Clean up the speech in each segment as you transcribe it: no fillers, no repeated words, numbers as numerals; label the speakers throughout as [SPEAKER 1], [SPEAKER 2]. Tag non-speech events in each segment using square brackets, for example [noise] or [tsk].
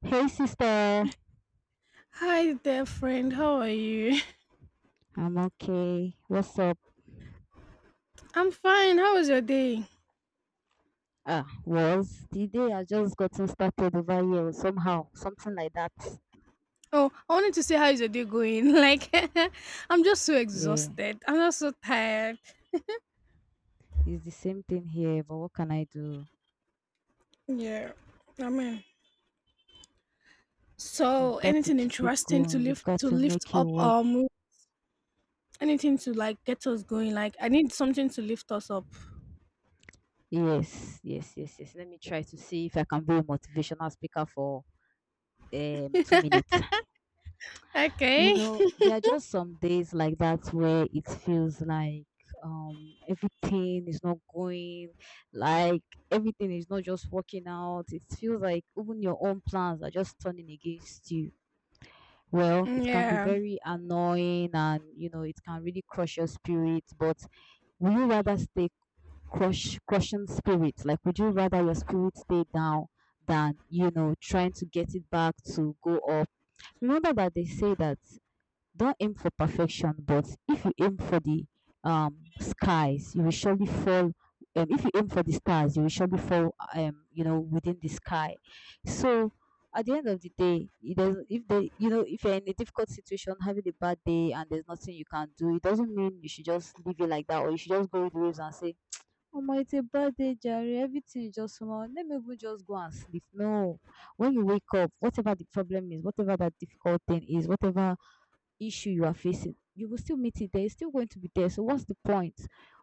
[SPEAKER 1] Hey sister,
[SPEAKER 2] Hi there, friend. How are you?
[SPEAKER 1] I'm okay. What's up?
[SPEAKER 2] [laughs] I'm fine. How was your day?
[SPEAKER 1] Was the day I just gotten started over here somehow, something like that.
[SPEAKER 2] Oh, I wanted to say, how is your day going? [laughs] Like, [laughs] I'm just so
[SPEAKER 1] Yeah,
[SPEAKER 2] exhausted. I'm just so tired.
[SPEAKER 1] it's the same thing here, but what can I do?
[SPEAKER 2] Yeah, I mean, so
[SPEAKER 1] We've got to
[SPEAKER 2] anything
[SPEAKER 1] keep it
[SPEAKER 2] interesting to
[SPEAKER 1] going. We've
[SPEAKER 2] lift
[SPEAKER 1] got
[SPEAKER 2] to
[SPEAKER 1] to
[SPEAKER 2] lift
[SPEAKER 1] make it
[SPEAKER 2] up
[SPEAKER 1] work.
[SPEAKER 2] our mood? Anything to like get us going? Like, I need something to lift us up.
[SPEAKER 1] Yes, yes, yes, yes. Let me try to see if I can be a motivational speaker for 2 minutes. You
[SPEAKER 2] Okay.
[SPEAKER 1] know, there are just some days like that where it feels like everything is not going, like everything is not just working out. It feels like even your own plans are just turning against you. Well, it can be
[SPEAKER 2] Yeah.
[SPEAKER 1] very annoying, and you know, it can really crush your spirit, but would you rather stay crushing spirit? Like, would you rather your spirit stay down than, trying to get it back to go up? Remember that they say that don't aim for perfection, but if you aim for the skies, you will surely fall. If you aim for the stars, you will surely fall. Within the sky. So, at the end of the day, it doesn't. If you're in a difficult situation, having a bad day, and there's nothing you can do, it doesn't mean you should just leave it like that, or you should just go with the waves and say, "Oh my, it's a bad day, Jerry. Everything is just small. Let me even just go and sleep. No." When you wake up, whatever the problem is, whatever that difficult thing is, whatever issue you are facing, you will still meet it there. It's still going to be there. So what's the point?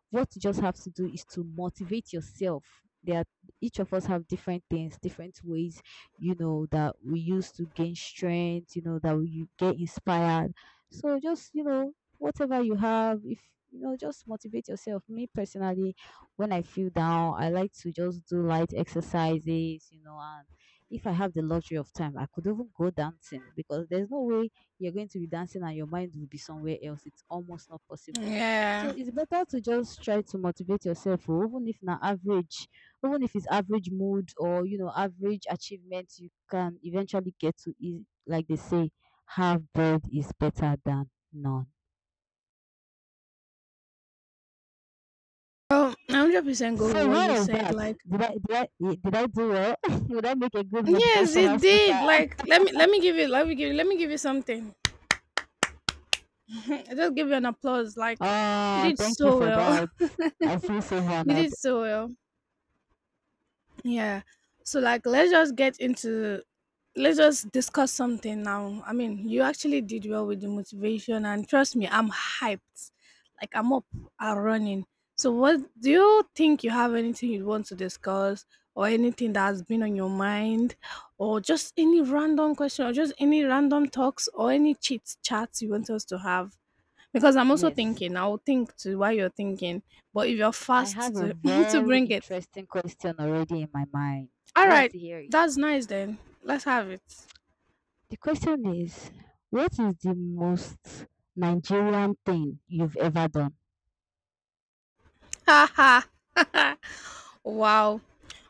[SPEAKER 1] What you just have to do is to motivate yourself. Each of us have different things, different ways, you know, that we use to gain strength. You know, that we you get inspired. So just, you know, whatever you have, if you know, just motivate yourself. Me personally, when I feel down, I like to just do light exercises, you know, and if I have the luxury of time, I could even go dancing because there's no way you're going to be dancing and your mind will be somewhere else. It's almost not possible. So
[SPEAKER 2] Yeah.
[SPEAKER 1] it's better to just try to motivate yourself, oh, even if na average, even if it's average mood or you know average achievement, you can eventually get to, is like they say, half bread is better than none.
[SPEAKER 2] Oh, I 100% go with
[SPEAKER 1] So
[SPEAKER 2] what
[SPEAKER 1] what
[SPEAKER 2] you
[SPEAKER 1] is
[SPEAKER 2] said.
[SPEAKER 1] that?
[SPEAKER 2] Like,
[SPEAKER 1] Did I did I, did I do well? [laughs] Would I make a good
[SPEAKER 2] yes, it
[SPEAKER 1] motivational speaker?
[SPEAKER 2] did.
[SPEAKER 1] [laughs]
[SPEAKER 2] Like, let me give you let me give you, let me give you something. [laughs] Just give you an applause. Like you
[SPEAKER 1] Oh,
[SPEAKER 2] did
[SPEAKER 1] thank you
[SPEAKER 2] so
[SPEAKER 1] for
[SPEAKER 2] well.
[SPEAKER 1] that.
[SPEAKER 2] [laughs]
[SPEAKER 1] I feel so
[SPEAKER 2] You did
[SPEAKER 1] honored.
[SPEAKER 2] so well. Yeah. So like let's just discuss something now. I mean, you actually did well with the motivation and trust me, I'm hyped. Like I'm up and running. So what do you think, you have anything you want to discuss or anything that has been on your mind or just any random question or just any random talks or any chit chats you want us to have? Because I'm also
[SPEAKER 1] Yes,
[SPEAKER 2] thinking, I'll think to why you're thinking. But if you're
[SPEAKER 1] I have
[SPEAKER 2] fast
[SPEAKER 1] a
[SPEAKER 2] to [laughs] to
[SPEAKER 1] very
[SPEAKER 2] bring it.
[SPEAKER 1] interesting question already in my mind. Do you want
[SPEAKER 2] Alright,
[SPEAKER 1] to hear it?
[SPEAKER 2] that's nice then. Let's have it.
[SPEAKER 1] The question is, what is the most Nigerian thing you've ever done?
[SPEAKER 2] Ha ha. [laughs] Wow.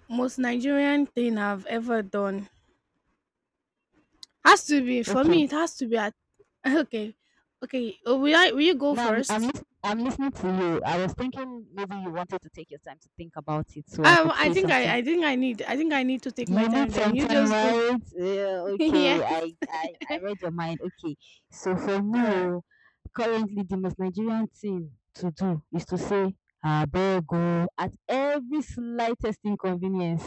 [SPEAKER 2] Most Nigerian thing I've ever done. Has to be for me, it
[SPEAKER 1] Okay.
[SPEAKER 2] has to be at [laughs] okay. Okay. Will I will you go
[SPEAKER 1] Now I'm I'm,
[SPEAKER 2] first?
[SPEAKER 1] lis- I'm listening to you. I was thinking maybe you wanted to take your time to think about it, so I could
[SPEAKER 2] I
[SPEAKER 1] say
[SPEAKER 2] think I
[SPEAKER 1] something.
[SPEAKER 2] I think I think I need to take my
[SPEAKER 1] You need
[SPEAKER 2] time then.
[SPEAKER 1] some
[SPEAKER 2] You
[SPEAKER 1] time,
[SPEAKER 2] just go.
[SPEAKER 1] right? Yeah,
[SPEAKER 2] [laughs] Yeah.
[SPEAKER 1] okay. I read your mind. Okay. So for me,
[SPEAKER 2] All right.
[SPEAKER 1] oh, currently the most Nigerian thing to do is to say abeg oh at every slightest inconvenience.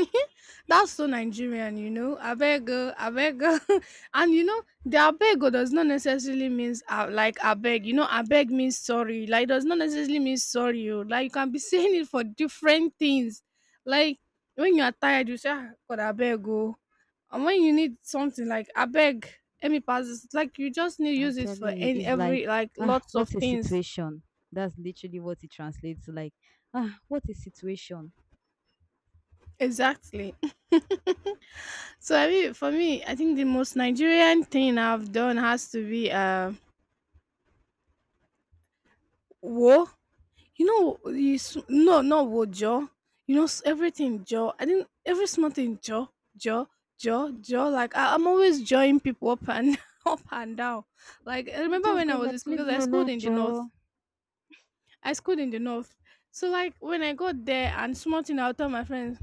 [SPEAKER 2] [laughs] That's so Nigerian, you know. Abego, abego. [laughs] And you know, the abego does not necessarily means like abeg. You know, abeg means sorry. Like does not necessarily mean sorry, oh. Like you can be [laughs] saying it for different things. Like when you are tired, you say, "Ah, God abego." And when you need something like abeg, let me pass this. Like you just need to
[SPEAKER 1] I'm
[SPEAKER 2] use it for
[SPEAKER 1] telling you,
[SPEAKER 2] any
[SPEAKER 1] it's like,
[SPEAKER 2] every like
[SPEAKER 1] ah,
[SPEAKER 2] lots of
[SPEAKER 1] what a
[SPEAKER 2] things.
[SPEAKER 1] situation. That's literally what it translates to. Like, ah, what a situation.
[SPEAKER 2] Exactly. [laughs] So I mean, for me, I think the most Nigerian thing I've done has to be wo. You know, no, not wo jo. You know, everything jo. I think every small thing jo jo jo jo. Like I'm always joining people up and [laughs] up and down. Like I
[SPEAKER 1] You
[SPEAKER 2] remember
[SPEAKER 1] just
[SPEAKER 2] when I
[SPEAKER 1] go
[SPEAKER 2] was in
[SPEAKER 1] like,
[SPEAKER 2] school
[SPEAKER 1] leave
[SPEAKER 2] because I
[SPEAKER 1] me
[SPEAKER 2] schooled
[SPEAKER 1] alone,
[SPEAKER 2] in the north.
[SPEAKER 1] Joe.
[SPEAKER 2] I schooled in the north. So like when I got there and small thing, I'll tell my friends.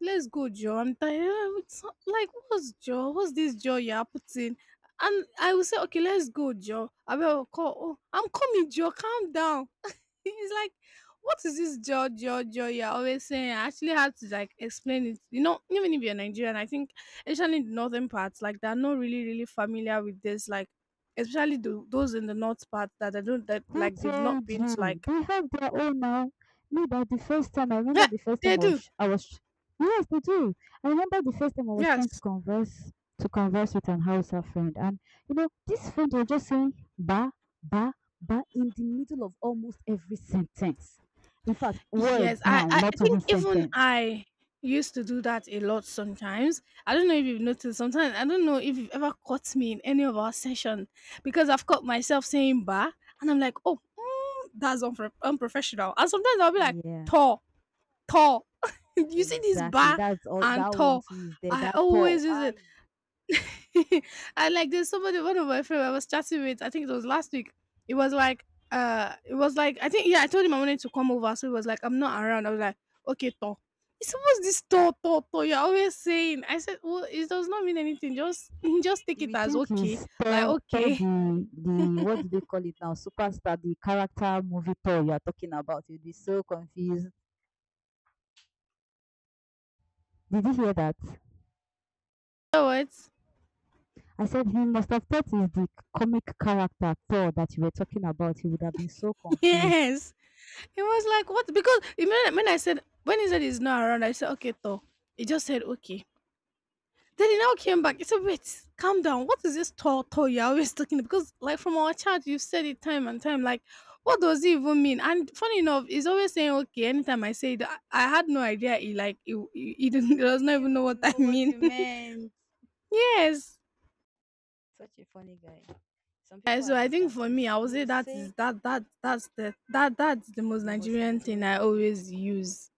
[SPEAKER 2] Let's go, Joe. I'm tired. It's not- like, what's Joe? What's this Joe you're putting? And I will say, okay, let's go, Joe. I will call. Oh, I'm coming, Joe. Calm down. [laughs] He's like, what is this Joe, Joe, Joe you're always saying? I actually had to like explain it. You know, even if you're Nigerian, I think, especially in the northern parts, like they're not really familiar with this. Like, especially those in the north part that they don't that
[SPEAKER 1] Who
[SPEAKER 2] like they've not
[SPEAKER 1] told
[SPEAKER 2] been to
[SPEAKER 1] you?
[SPEAKER 2] like.
[SPEAKER 1] They have their own now. Me, that the first time, I
[SPEAKER 2] [laughs] Yeah,
[SPEAKER 1] remember the first
[SPEAKER 2] they
[SPEAKER 1] time
[SPEAKER 2] do.
[SPEAKER 1] yes, they do. I remember the first time I was trying to
[SPEAKER 2] Yes.
[SPEAKER 1] converse, to converse with an Hausa friend. And, this friend was just saying, ba, ba, ba, in the middle of almost every sentence. In fact,
[SPEAKER 2] Yes,
[SPEAKER 1] words now,
[SPEAKER 2] I
[SPEAKER 1] not
[SPEAKER 2] think
[SPEAKER 1] even
[SPEAKER 2] even
[SPEAKER 1] sentence.
[SPEAKER 2] I used to do that a lot sometimes. I don't know if you've noticed sometimes I don't know if you've ever caught me in any of our session because I've caught myself saying "ba" and I'm like, oh mm, that's unprofessional. And sometimes I'll be like
[SPEAKER 1] Yeah,
[SPEAKER 2] tall, tall. [laughs] You see this
[SPEAKER 1] exactly.
[SPEAKER 2] "ba"
[SPEAKER 1] That's all,
[SPEAKER 2] and
[SPEAKER 1] that one
[SPEAKER 2] tall.
[SPEAKER 1] too is there.
[SPEAKER 2] I
[SPEAKER 1] That
[SPEAKER 2] always
[SPEAKER 1] tall.
[SPEAKER 2] use it.
[SPEAKER 1] Aye.
[SPEAKER 2] [laughs] And like there's somebody, one of my friends I was chatting with, I think it was last week. It was like it was like I think yeah, I told him I wanted to come over. So he was like, I'm not around. I was like, okay, Thor. It's almost this Thor, Thor, Thor you're always saying. I said, well, it does not mean anything. Just [laughs] just take
[SPEAKER 1] You
[SPEAKER 2] it
[SPEAKER 1] will
[SPEAKER 2] as
[SPEAKER 1] think
[SPEAKER 2] okay.
[SPEAKER 1] he's
[SPEAKER 2] Like,
[SPEAKER 1] Thor, Thor,
[SPEAKER 2] okay. [laughs]
[SPEAKER 1] the what do they call it now? Superstar, the character movie Thor you are talking about. You'll be so confused. Did you hear that?
[SPEAKER 2] You know what?
[SPEAKER 1] I said he must have thought it's the comic character Thor that you were talking about. He would have been so
[SPEAKER 2] [laughs]
[SPEAKER 1] confused.
[SPEAKER 2] Yes. He was like, "What?" Because you know, when he said he's not around, I said, "Okay, Thor." He just said, "Okay." Then he now came back. He said, "Wait, calm down. What is this Thor Thor you're always talking? Because like from our chat, you've said it time and time. Like, what does it even mean?" And funny enough, he's always saying, "Okay." Anytime I say it, I had no idea. He like he didn't [laughs] he
[SPEAKER 1] He
[SPEAKER 2] does not even
[SPEAKER 1] didn't
[SPEAKER 2] know what
[SPEAKER 1] even
[SPEAKER 2] I
[SPEAKER 1] know what
[SPEAKER 2] mean.
[SPEAKER 1] you meant.
[SPEAKER 2] [laughs] Yes.
[SPEAKER 1] Such a funny guy. Some people are
[SPEAKER 2] So I
[SPEAKER 1] like
[SPEAKER 2] think
[SPEAKER 1] that.
[SPEAKER 2] for
[SPEAKER 1] You
[SPEAKER 2] me, I would
[SPEAKER 1] you
[SPEAKER 2] say
[SPEAKER 1] will
[SPEAKER 2] that is
[SPEAKER 1] say
[SPEAKER 2] that that's the that that's the most
[SPEAKER 1] the most
[SPEAKER 2] Nigerian thing I
[SPEAKER 1] Nigerian thing.
[SPEAKER 2] always use.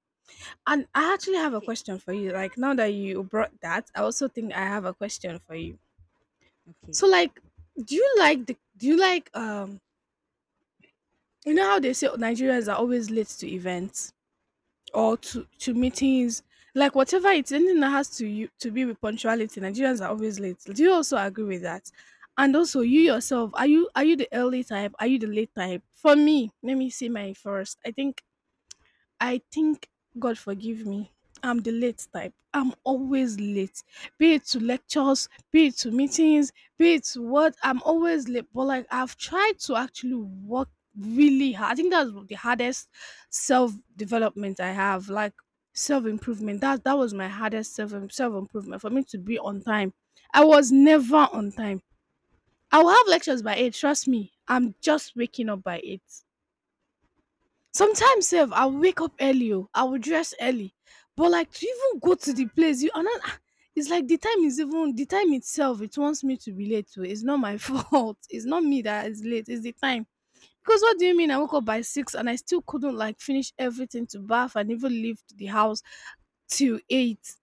[SPEAKER 2] And I actually have a
[SPEAKER 1] Okay.
[SPEAKER 2] question for you. Like now that you brought that, I also think I have a question for you.
[SPEAKER 1] Okay.
[SPEAKER 2] So like, do you like you know how they say Nigerians are always late to events or to meetings, like whatever it's anything that has to you to be with punctuality, Nigerians are always late. Do you also agree with that? And also you
[SPEAKER 1] Hmm.
[SPEAKER 2] yourself, are you the early type? Are you the late type? For me, let me see my first. I think I think God forgive me. I'm the late type. I'm always late. Be it to lectures, be it to meetings, be it to what, I'm always late. But like I've tried to actually work really hard. I think that's the hardest self development I have. Like self improvement. That was my hardest self improvement for me to be on time. I was never on time. I will have lectures by eight. Trust me. I'm just waking up by eight. Sometimes sef I will wake up early, oh, I will dress early, but like to even go to the place you ana ah, it's like the time itself it wants me to be late oo, it's not my [laughs] fault, it's not me that is late, it's the time. Because what do you mean I woke up by 6 and I still couldn't like finish everything to bath and even leave the house till 8.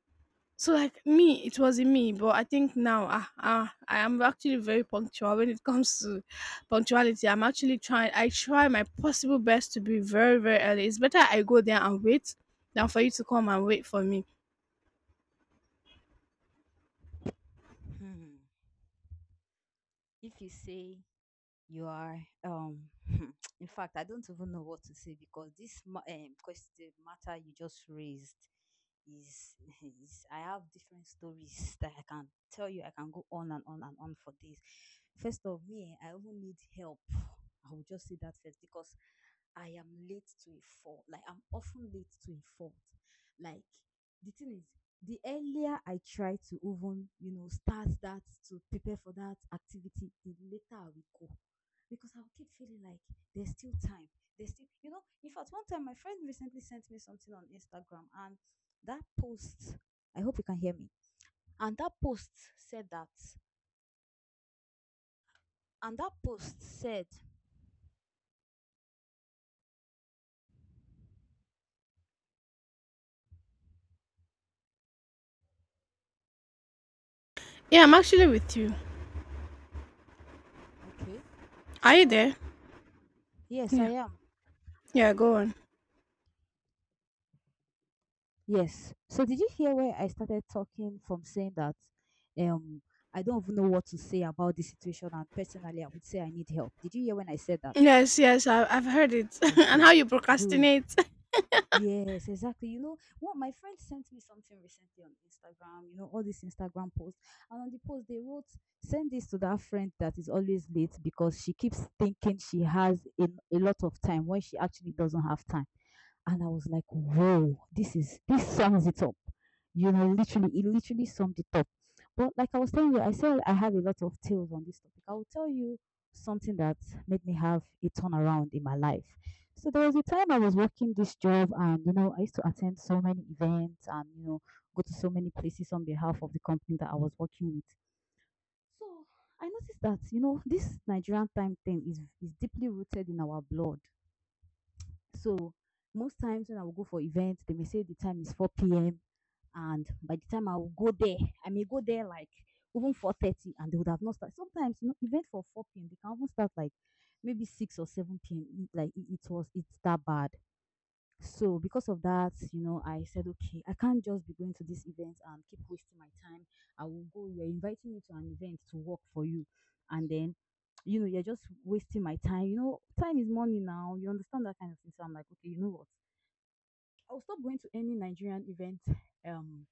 [SPEAKER 2] So like me, it wasn't me, but I think now ah ah, I am actually very punctual when it [laughs] comes to punctuality. I'm actually trying. I try my possible best to be very early. It's better I go there and wait than for you to come and wait for me.
[SPEAKER 1] Hmm. If you say. You are, [laughs] in fact, I don't even know what to say because the matter you just raised is, [laughs] is, I have different stories that I can tell you. I can go on and on and on for this. First of me, I even need help. I will just say that first, because I am late to a fault. Like, I'm often late to a fault. Like, the thing is, the earlier I try to even, start that, to prepare for that activity, the later I will go, because I'll keep feeling like there's still time. There's still, in fact, one time my friend recently sent me something on Instagram, and that post, I hope you can hear me. And that post said that, and that post said,
[SPEAKER 2] Yeah, I'm actually with you.
[SPEAKER 1] okay,
[SPEAKER 2] Are you there?
[SPEAKER 1] so yes, I
[SPEAKER 2] Yeah,
[SPEAKER 1] am.
[SPEAKER 2] yeah. Go on.
[SPEAKER 1] Yes. So did you hear where I started talking from, saying that um I don't even know what to say about this situation, and personally I would say I need help? Did you hear when I said that?
[SPEAKER 2] Yes, yes, I've heard it. [laughs] And how
[SPEAKER 1] Okay.
[SPEAKER 2] you
[SPEAKER 1] Good.
[SPEAKER 2] procrastinate.
[SPEAKER 1] Yes, exactly. You know what? My friend sent me something recently on Instagram, all these Instagram posts. And on the post, they wrote, "Send this to that friend that is always late, because she keeps thinking she has a lot of time when she actually doesn't have time." And I was like, "Whoa, this sums it up." You know, literally, it literally summed it up. But like I was telling you, I said I have a lot of tales on this topic. I will tell you something that made me have a turnaround in my life. So there was a time I was working this job, and I used to attend so many events, and go to so many places on behalf of the company that I was working with. So I noticed that, this Nigerian time thing is deeply rooted in our blood. So most times, when I will go for events, they may say the time is 4 p.m., and by the time I will go there, I may go there like even 4:30, and they would have not started. Sometimes, event for 4 p.m., they can even start like maybe 6 or 7 p.m. Like, it's that bad. So because of that, I said, okay, I can't just be going to this event and keep wasting my time. I will go. You're inviting me to an event to work for you, and then, you're just wasting my time. You know, time is money now. You understand that kind of thing. So I'm like, okay, you know what? I'll stop going to any Nigerian event um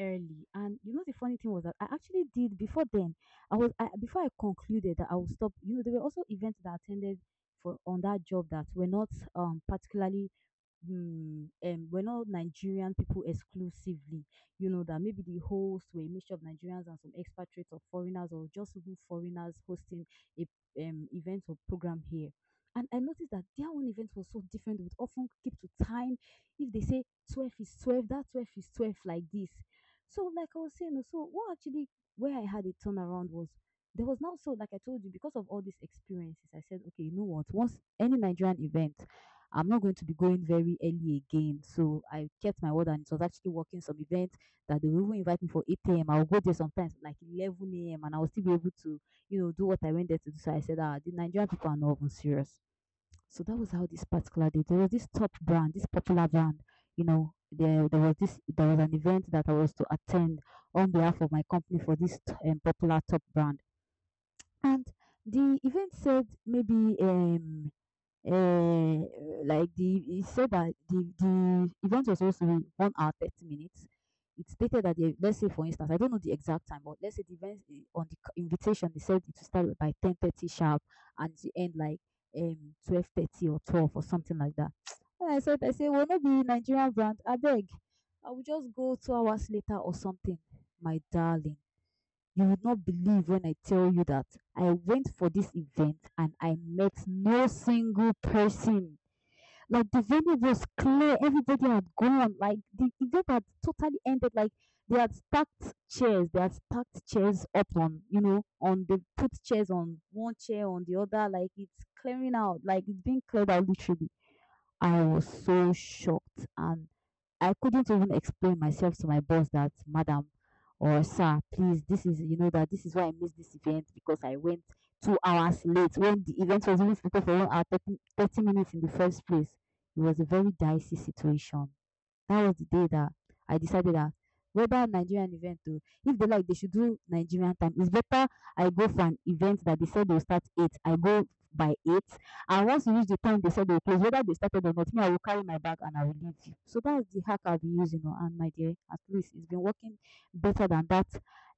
[SPEAKER 1] early. And the funny thing was that I actually did. Before then, before I concluded that I will stop. You know, there were also events that I attended for on that job that were not particularly, we're not Nigerian people exclusively. You know, that maybe the hosts were a mixture of Nigerians and some expatriates or foreigners, or just even foreigners hosting a event or program here. And I noticed that their own event was so different. They would often keep to time. If they say 12 is 12, that 12 is 12, like this. So, like I was saying, oh, so what actually, where I had a turnaround was, there was now, so like I told you, because of all these experiences, I said, okay, you know what, once any Nigerian event, I'm not going to be going very early again. So I kept my word, and it was actually working. Some events that they will even invite me for 8 a.m., I'll go there sometimes like 11 a.m. and I'll still be able to, do what I went there to do. So I said, ah, the Nigerian people are not even serious. So that was how this particular day, there was this top brand, this popular brand, there was an event that I was to attend on behalf of my company for this popular top brand. And the event said maybe um like the he said that the event was supposed to be 1 hour 30 minutes. It stated that the let's say for instance, I don't know the exact time, but let's say the event I- on the c- invitation they said it to start by 10:30 sharp and to end like 12:30 or 12 or something like that. [tsk] And I said well not be Nigerian brand I beg, I will just go 2 hours later or something. My darling, you will not believe when I tell you that I went for this event and I met no single person. Like the venue was clear, everybody had gone. Like the event had totally ended. Like they had stacked chairs up on, you know, on they put chairs on one chair on the other. Like it's clearing out. Like it's being cleared out literally. I was so shocked, and I couldn't even explain myself to my boss that, madam or sir, please, this is, that this is why I missed this event because I went 2 hours late when the event was only scheduled for 1 hour, thirty minutes in the first place. It was a very dicey situation. That was the day that I decided that whether Nigerian event o, if dey like dey should do Nigerian time, it's better I go for an event that dey said dey will start 8, I go by 8, and once e reach the time dey said dey will close, whether dey started or not, me I go carry my bag and I will leave. So that's the hack I been using o, and my dear, at least it's been working better than that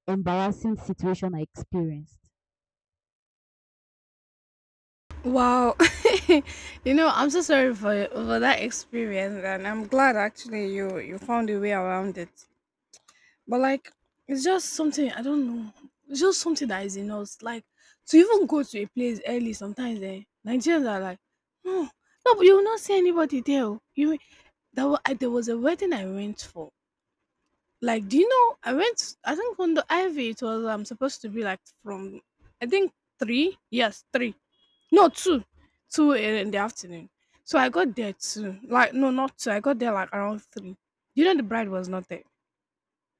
[SPEAKER 1] embarrassing situation I experienced.
[SPEAKER 2] Wow. [laughs] You know, I'm so sorry for that experience, and I'm glad actually you found a way around it. But like, it's just something I don't know. It's just something that is in us. Like to even go to a place early sometimes. Eh, Nigerians are like, no, but you will not see anybody there, oh. You there was a wedding I went for. Like, do you know? I went. I think on the Ivy it was. I'm supposed to be like from, I think three. Yes, three. No, two, two in the afternoon. So I got there too. Like no, not two. I got there like around three. You know the bride was not there.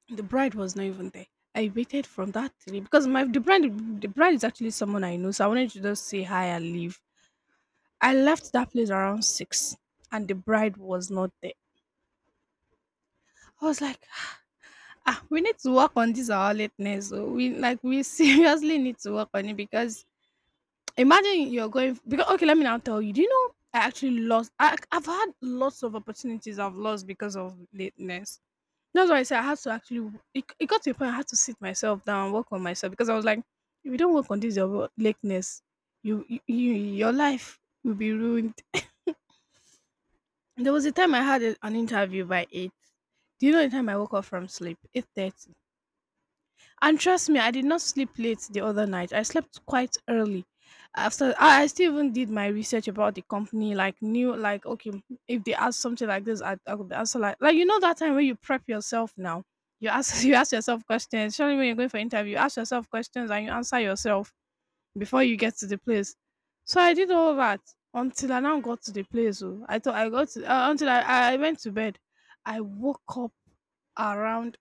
[SPEAKER 2] The bride was not even there. I waited from that day because my the bride, the bride is actually someone I know, so I wanted to just say hi and leave. I left that place around six, and the bride was not there. I was like, ah, we need to work on this our lateness, oh. We like we [laughs] seriously need to work on it because imagine you're going, because okay, let me now tell you. Do you know I actually lost? I've had lots of opportunities I've lost because of lateness. That's why I say I had to actually it got to a point I had to sit myself down, work on myself because I was like, if you don't work on this your lateness, you your life will be ruined. There was a time I had an interview by eight. Do you know the time I woke up from sleep? 8:30. And trust me, I did not sleep late the other night. I slept quite early. After I still even did my research about the company, like knew like okay, if they ask something like this, I could answer like you know that time when you prep yourself now, you ask [laughs] you ask yourself questions. Surely when you're going for interview, you ask yourself questions and you answer yourself before you get to the place. So I did all that until I now got to the place, oh. I thought I got to, until I went to bed. I woke up around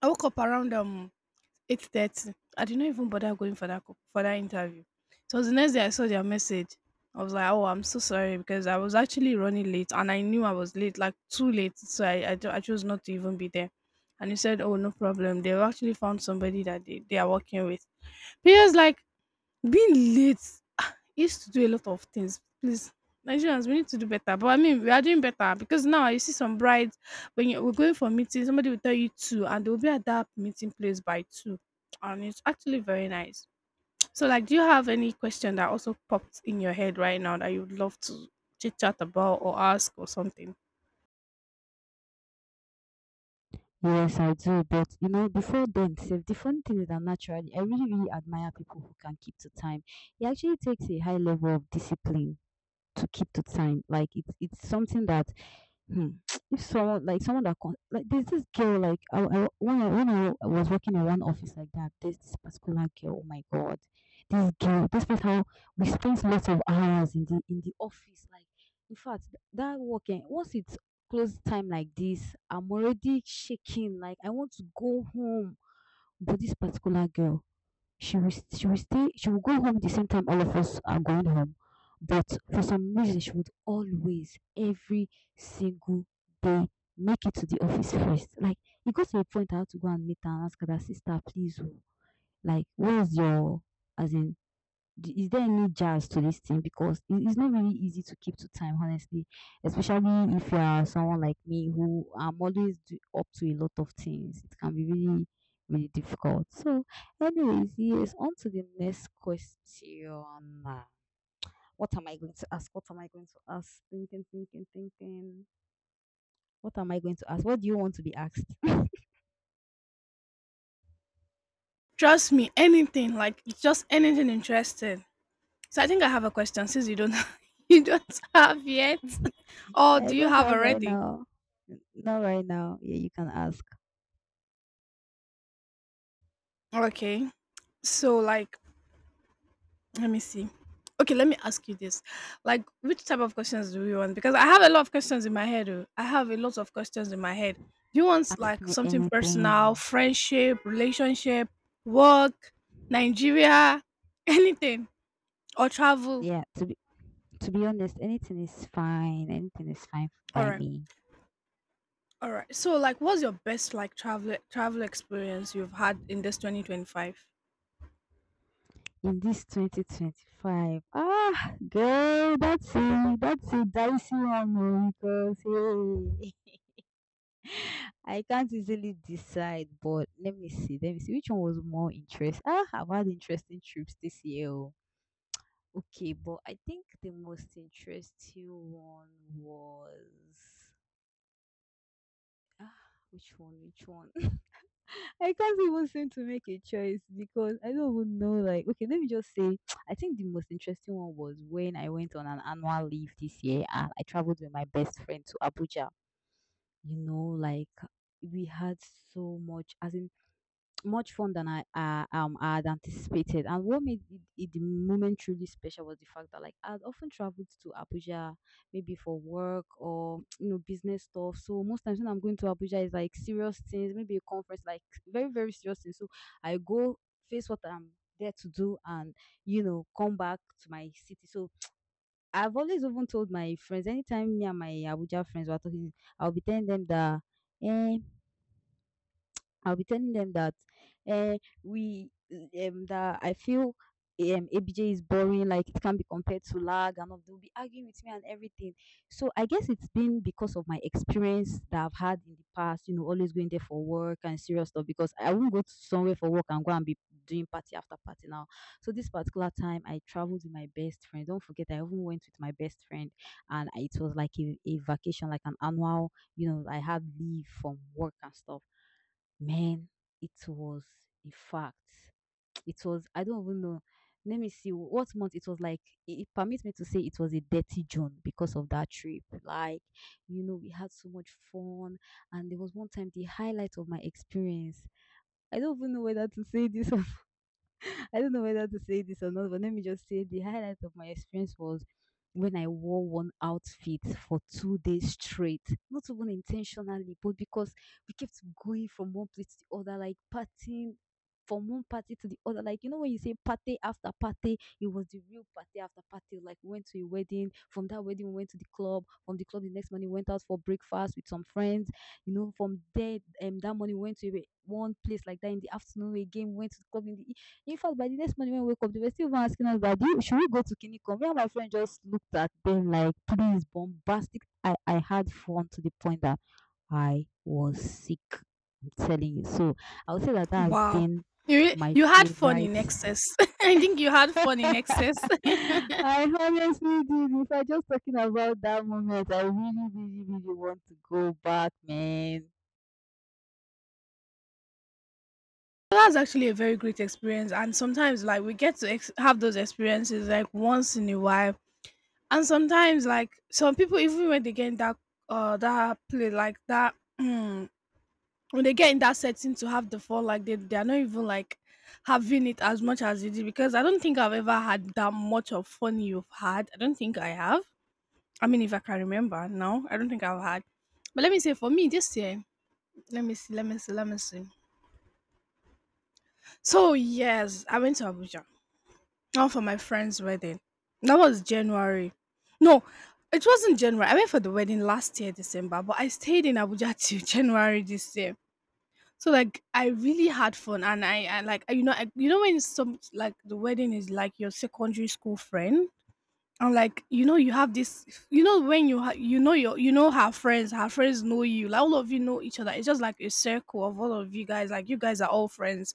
[SPEAKER 2] I woke up around 8:30. I did not even bother going for for that interview. So the next day I saw their message. I was like, oh, I'm so sorry because I was actually running late and I knew I was late, like too late. So I chose not to even be there. And he said, oh, no problem. They've actually found somebody that they are working with. But he was like being late used to do a lot of things. Please, Nigerians, we need to do better. But I mean, we are doing better because now you see some brides when we're going for meeting, somebody will tell you two, and they'll be at that meeting place by two, and it's actually very nice. So, like, do you have any question that also popped in your head right now that you'd love to chit chat about or ask or something?
[SPEAKER 1] Yes, I do. But you know, before then, Steph, the funny thing is that naturally, I really, really admire people who can keep to time. It actually takes a high level of discipline to keep to time. Like, it's something that. Hmm. If someone like someone that con- like there's this girl, like when I was working in one office like that, there's this particular girl. Oh my god, this girl. Despite how we spent lots of hours in the office, like in fact that working, once it's close time like this, I'm already shaking. Like I want to go home, but this particular girl. She will go home the same time all of us are going home. But for some reason, she would always, every single day, make it to the office first. Like, it got to a point I had to go and meet her and ask her that, sister, please, oh, like, where's your, as in, is there any jazz to this thing? Because it's not really easy to keep to time, honestly, especially if you are someone like me who I'm always do, up to a lot of things. It can be really, really difficult. So, anyways, yes, on to the next question. Ah, What am I going to ask? What am I going to ask? Thinking, thinking, thinking. What am I going to ask? What do you want to be asked?
[SPEAKER 2] Trust me, anything like it's just anything interesting. So, I think I have a question since you don't [laughs] you don't have yet,
[SPEAKER 1] [laughs]
[SPEAKER 2] or
[SPEAKER 1] I
[SPEAKER 2] do you
[SPEAKER 1] don't
[SPEAKER 2] have
[SPEAKER 1] have right
[SPEAKER 2] already?
[SPEAKER 1] now. Not right now. Yeah, you can ask.
[SPEAKER 2] Okay. So, like, let me see. Okay, let me ask you this. Like, which type of questions do you want? Because I have a lot of questions in my head. Oh, I have a lot of questions in my head. Do you want
[SPEAKER 1] Ask
[SPEAKER 2] like
[SPEAKER 1] me
[SPEAKER 2] something personal,
[SPEAKER 1] anything.
[SPEAKER 2] friendship, relationship, work, Nigeria, [laughs] anything, or travel?
[SPEAKER 1] Yeah, to be honest, anything is fine. Anything is fine
[SPEAKER 2] All
[SPEAKER 1] by
[SPEAKER 2] right,
[SPEAKER 1] me.
[SPEAKER 2] all right. So, like, what's your best like travel experience you've had in this 2025?
[SPEAKER 1] In this 2025, girl, that's a dicey one oh, because hey, I can't easily decide. But let me see which one was more interest. I've had interesting trips this year. Oh. Okay, but I think the most interesting one was ah, which one? Which one? I can't even seem to make a choice because I don't even know. Like, okay, let me just say, [tsk] I think the most interesting one was when I went on an annual leave this year and I traveled with my best friend to Abuja. You know, like we had so much, as in much fun than I had anticipated. And what made it, it the moment truly special was the fact that, like, I'd often traveled to Abuja maybe for work, or [tsk] business stuff. So most times when I'm going to Abuja is like serious things, maybe a conference, like very, very serious things. So I go face what I'm there to do and come back to my city. So I've always even told my friends anytime me and my Abuja friends were talking, I'll be telling them that. "Eh, I'll be telling them that, uh, we, that I feel, ABJ is boring, like it can be compared to lag, and all they'll be arguing with me and everything. So I guess it's been because of my experience that I've had in the past, always going there for work and serious stuff. Because I won't go to somewhere for work and go and be doing party after party now. So this particular time, I traveled with my best friend. Don't forget, I even went with my best friend, and it was like a vacation, like an annual. You know, I had leave from work and stuff. Man, it was, in fact, [tsk] it was, I don't even know. Let me see what month it was like. It permits me to say it was a dirty June because of that trip. Like, we had so much fun, and there was one time the highlight of my experience. I don't even know whether to say this. [laughs] I don't know whether to say this or not, but let me just say the highlight of my experience was when I wore one outfit for 2 days straight, not even intentionally, but because we kept going from one place to the other, like partying from one party to the other. Like, when you say party after party, it was the real party after party. Like, we went to a wedding. From that wedding, we went to the club. From the club, the next morning, we went out for breakfast with some friends. You know, from there, that morning, we went to one place like that, in the afternoon again, we went to the club in the in fact, by the next morning when we wake up, they were still even asking us that, should we go to Kinikon? Me and my friend just looked at them like, please, bombastic. I had fun to the point that I was sick. I'm telling you. So I would say that that has
[SPEAKER 2] Wow,
[SPEAKER 1] been my
[SPEAKER 2] you had fun in
[SPEAKER 1] favorite. [laughs]
[SPEAKER 2] excess. [laughs] I think you had fun in excess.
[SPEAKER 1] I honestly did. If I just talking about that moment, I really, really, really want to go back, man.
[SPEAKER 2] So that's actually a very great experience, and sometimes, like, we get to have those experiences like once in a while, and sometimes, like, some people even when they get in that that play like that [clears throat] when they get in that setting to have the fun, like they are not even like having it as much as you did because I don't think I've ever had that much of fun you've had. I don't think I have. I mean, if I can remember now, I don't think I've had. But let me say for me this year, let me see, let me see, let me see. So yes, I went to Abuja. Not for my friend's wedding. That was January. No, it wasn't January. I went for the wedding last year, December, but I stayed in Abuja till [laughs] January this year. So like I really had fun, and I like you know I, you know when some like the wedding is like your secondary school friend, and like you know you have this you know when you you know your you know her friends know you, like all of you know each other. It's just like a circle of all of you guys. Like you guys are all friends,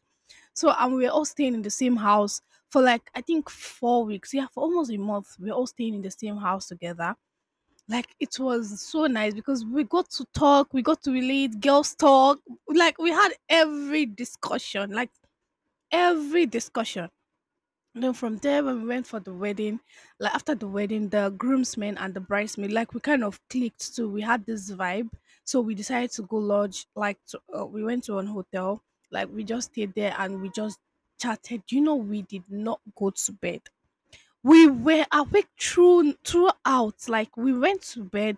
[SPEAKER 2] so and we were all staying in the same house for like I think 4 weeks. Yeah, for almost a month, we were all staying in the same house together. Like it was so nice because we got to talk, we got to relate, girls talk. Like we had every discussion, like every discussion. Then from there, when we went for the wedding, like after the wedding, the groomsmen and the bridesmaid, like we kind of clicked too. We had this vibe, so we decided to go lodge. Like to, we went to an hotel, like we just stayed there and we just chatted. You know, we did not go to bed. We were awake throughout. Like we went to bed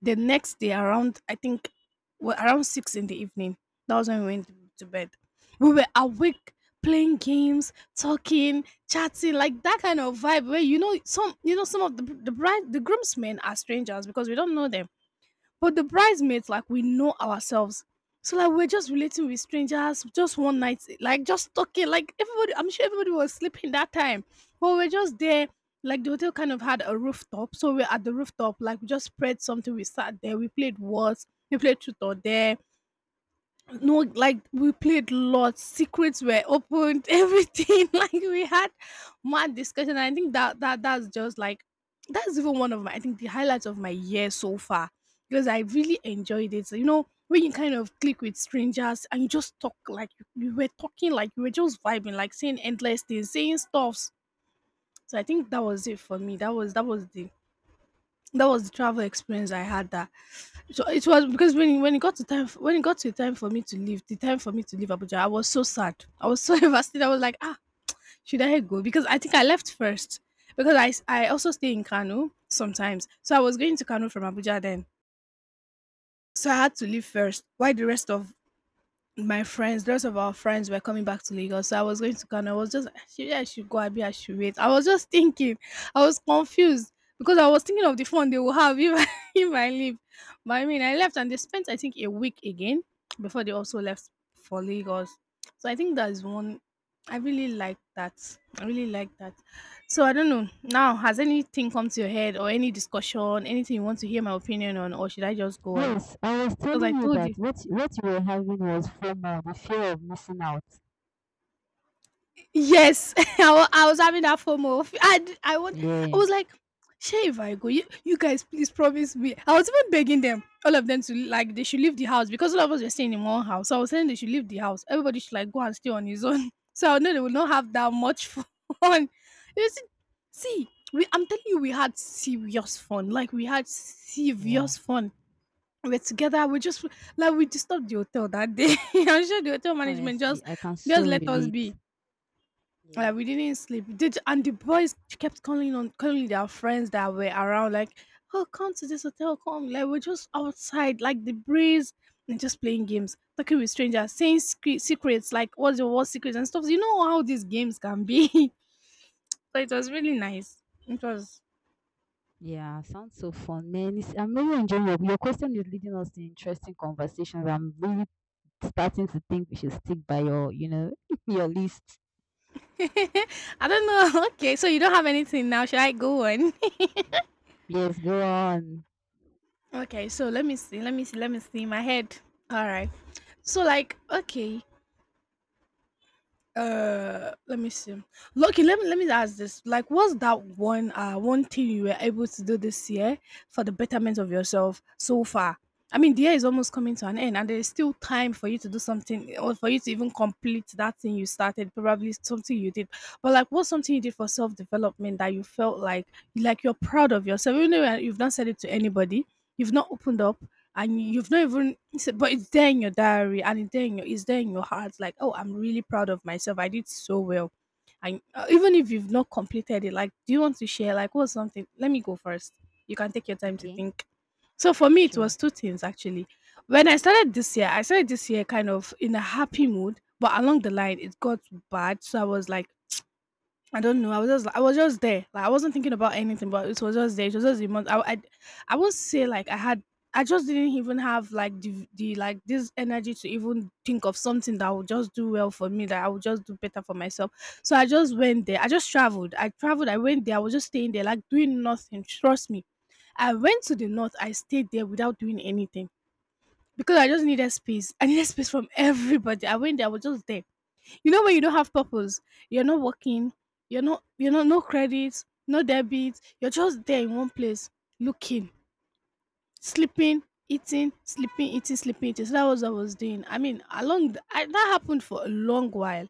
[SPEAKER 2] the next day around I think well, around six in the evening, that was when we went to bed. We were awake playing games, talking, chatting, like that kind of vibe where you know some of the bride the groomsmen are strangers because we don't know them but the bridesmaids, like we know ourselves. So like we're just relating with strangers, just one night, like just talking. Like everybody, I'm sure everybody was sleeping that time, but we're just there. Like the hotel kind of had a rooftop, so we're at the rooftop. Like we just spread something. We sat there. We played words. We played truth or dare. No, like we played lots. Secrets were opened, [laughs] everything. Like we had mad discussion. I think that's just like that's even one of my I think the highlights of my year so far because I really enjoyed it. So, you know, when you kind of click with strangers and you just talk like you were talking like you were just vibing, like saying endless things, saying stuffs. So I think that was it for me. That was the travel experience I had that, so it was because when it got to when it got to time for me to leave, the time for me to leave Abuja, I was so sad. I was so [laughs] devastated. I was like, ah, should I go? Because I think I left first because I also stay in Kano sometimes. So I was going to Kano from Abuja then. So I had to leave first. Why the rest of my friends, lots of our friends were coming back to Lagos. So I was going to Kano. I was just, should yeah, I should go, Abi, I should wait. I was just thinking. I was confused because I was thinking of the fun they will have if I, [laughs] if I leave. But I mean, I left and they spent, I think, a week again before they also left for Lagos. So I think that's one. I really like that. I really like that. So I don't know. Now, has anything come to your head or any discussion, anything you want to hear my opinion on, or should I just go on?
[SPEAKER 1] Yes, I was
[SPEAKER 2] Because I
[SPEAKER 1] telling you
[SPEAKER 2] told you.
[SPEAKER 1] that what you were having was FOMO, the fear of missing out.
[SPEAKER 2] Yes, [laughs] I was having that FOMO. [laughs] I want. I
[SPEAKER 1] Yeah.
[SPEAKER 2] was like, "Sure, if I go, you guys please promise me." I was even begging them, all of them, to like they should leave the house because all of us were staying in one house. So I was saying they should leave the house. Everybody should like go and stay on his own. [laughs] So I know they will not have that much [laughs] fun. You see, see, we, I'm telling you, we had serious fun. Like we had serious
[SPEAKER 1] Wow.
[SPEAKER 2] fun. We were together. We just like we disturbed the hotel that day. [laughs] I'm sure the hotel management
[SPEAKER 1] Honestly, I can
[SPEAKER 2] just
[SPEAKER 1] so
[SPEAKER 2] let us
[SPEAKER 1] relate.
[SPEAKER 2] be, yeah,
[SPEAKER 1] Yeah.
[SPEAKER 2] we didn't sleep. Did and the boys kept calling on calling their friends that were around, like, "Oh, come to this hotel, come!" Like we're just outside, like the breeze, and just playing games, talking with strangers, saying secrets, like what's your worst secrets and stuff. You know how these games can be. [laughs] So it was really nice. It was.
[SPEAKER 1] Yeah, sounds so fun, man. I'm really enjoying your question is leading us to interesting conversations. I'm really starting to think we should stick by your, [laughs] your list.
[SPEAKER 2] [laughs] I don't know. [laughs] Okay, so you don't have anything now. Should I go on?
[SPEAKER 1] Yes, go on.
[SPEAKER 2] [laughs] Okay, so let me see. Let me see. Let me see. My head. All right. So like, okay. Let me see. Lucky, let me ask this. Like, what's that one one thing you were able to do this year for the betterment of yourself so far? I mean, the year is almost coming to an end, and there is still time for you to do something, or for you to even complete that thing you started. Probably something you did, but like, what's something you did for self development that you felt like you're proud of yourself, even though you've not said it to anybody, you've not opened up, and you've not even but it's there in your diary and it's there in your it's there in your heart like oh I'm really proud of myself I did so well and even if you've not completed it like do you want to share like what's something, let me go first, you can take your time to
[SPEAKER 1] Okay,
[SPEAKER 2] think. So for me it was
[SPEAKER 1] sure.
[SPEAKER 2] two things, actually. When I started this year, I started this year kind of in a happy mood, but along the line it got bad, so I was like I don't know. I was just there. Like I wasn't thinking about anything, but it was just there. It was just the month. I won't say like I had. I just didn't even have like the like this energy to even think of something that would just do well for me. That I would just do better for myself. So I just went there. I just traveled. I went there. I was just staying there, like doing nothing. Trust me. I went to the north. I stayed there without doing anything because I just needed space. I needed space from [laughs] everybody. I went there. I was just there. You know when you don't have purpose, you're not working, you're not no credit, no debit, you're just there in one place looking, sleeping, eating, sleeping, eating, sleeping, eating. So that was what I was doing. I mean, along the, I, that happened for a long while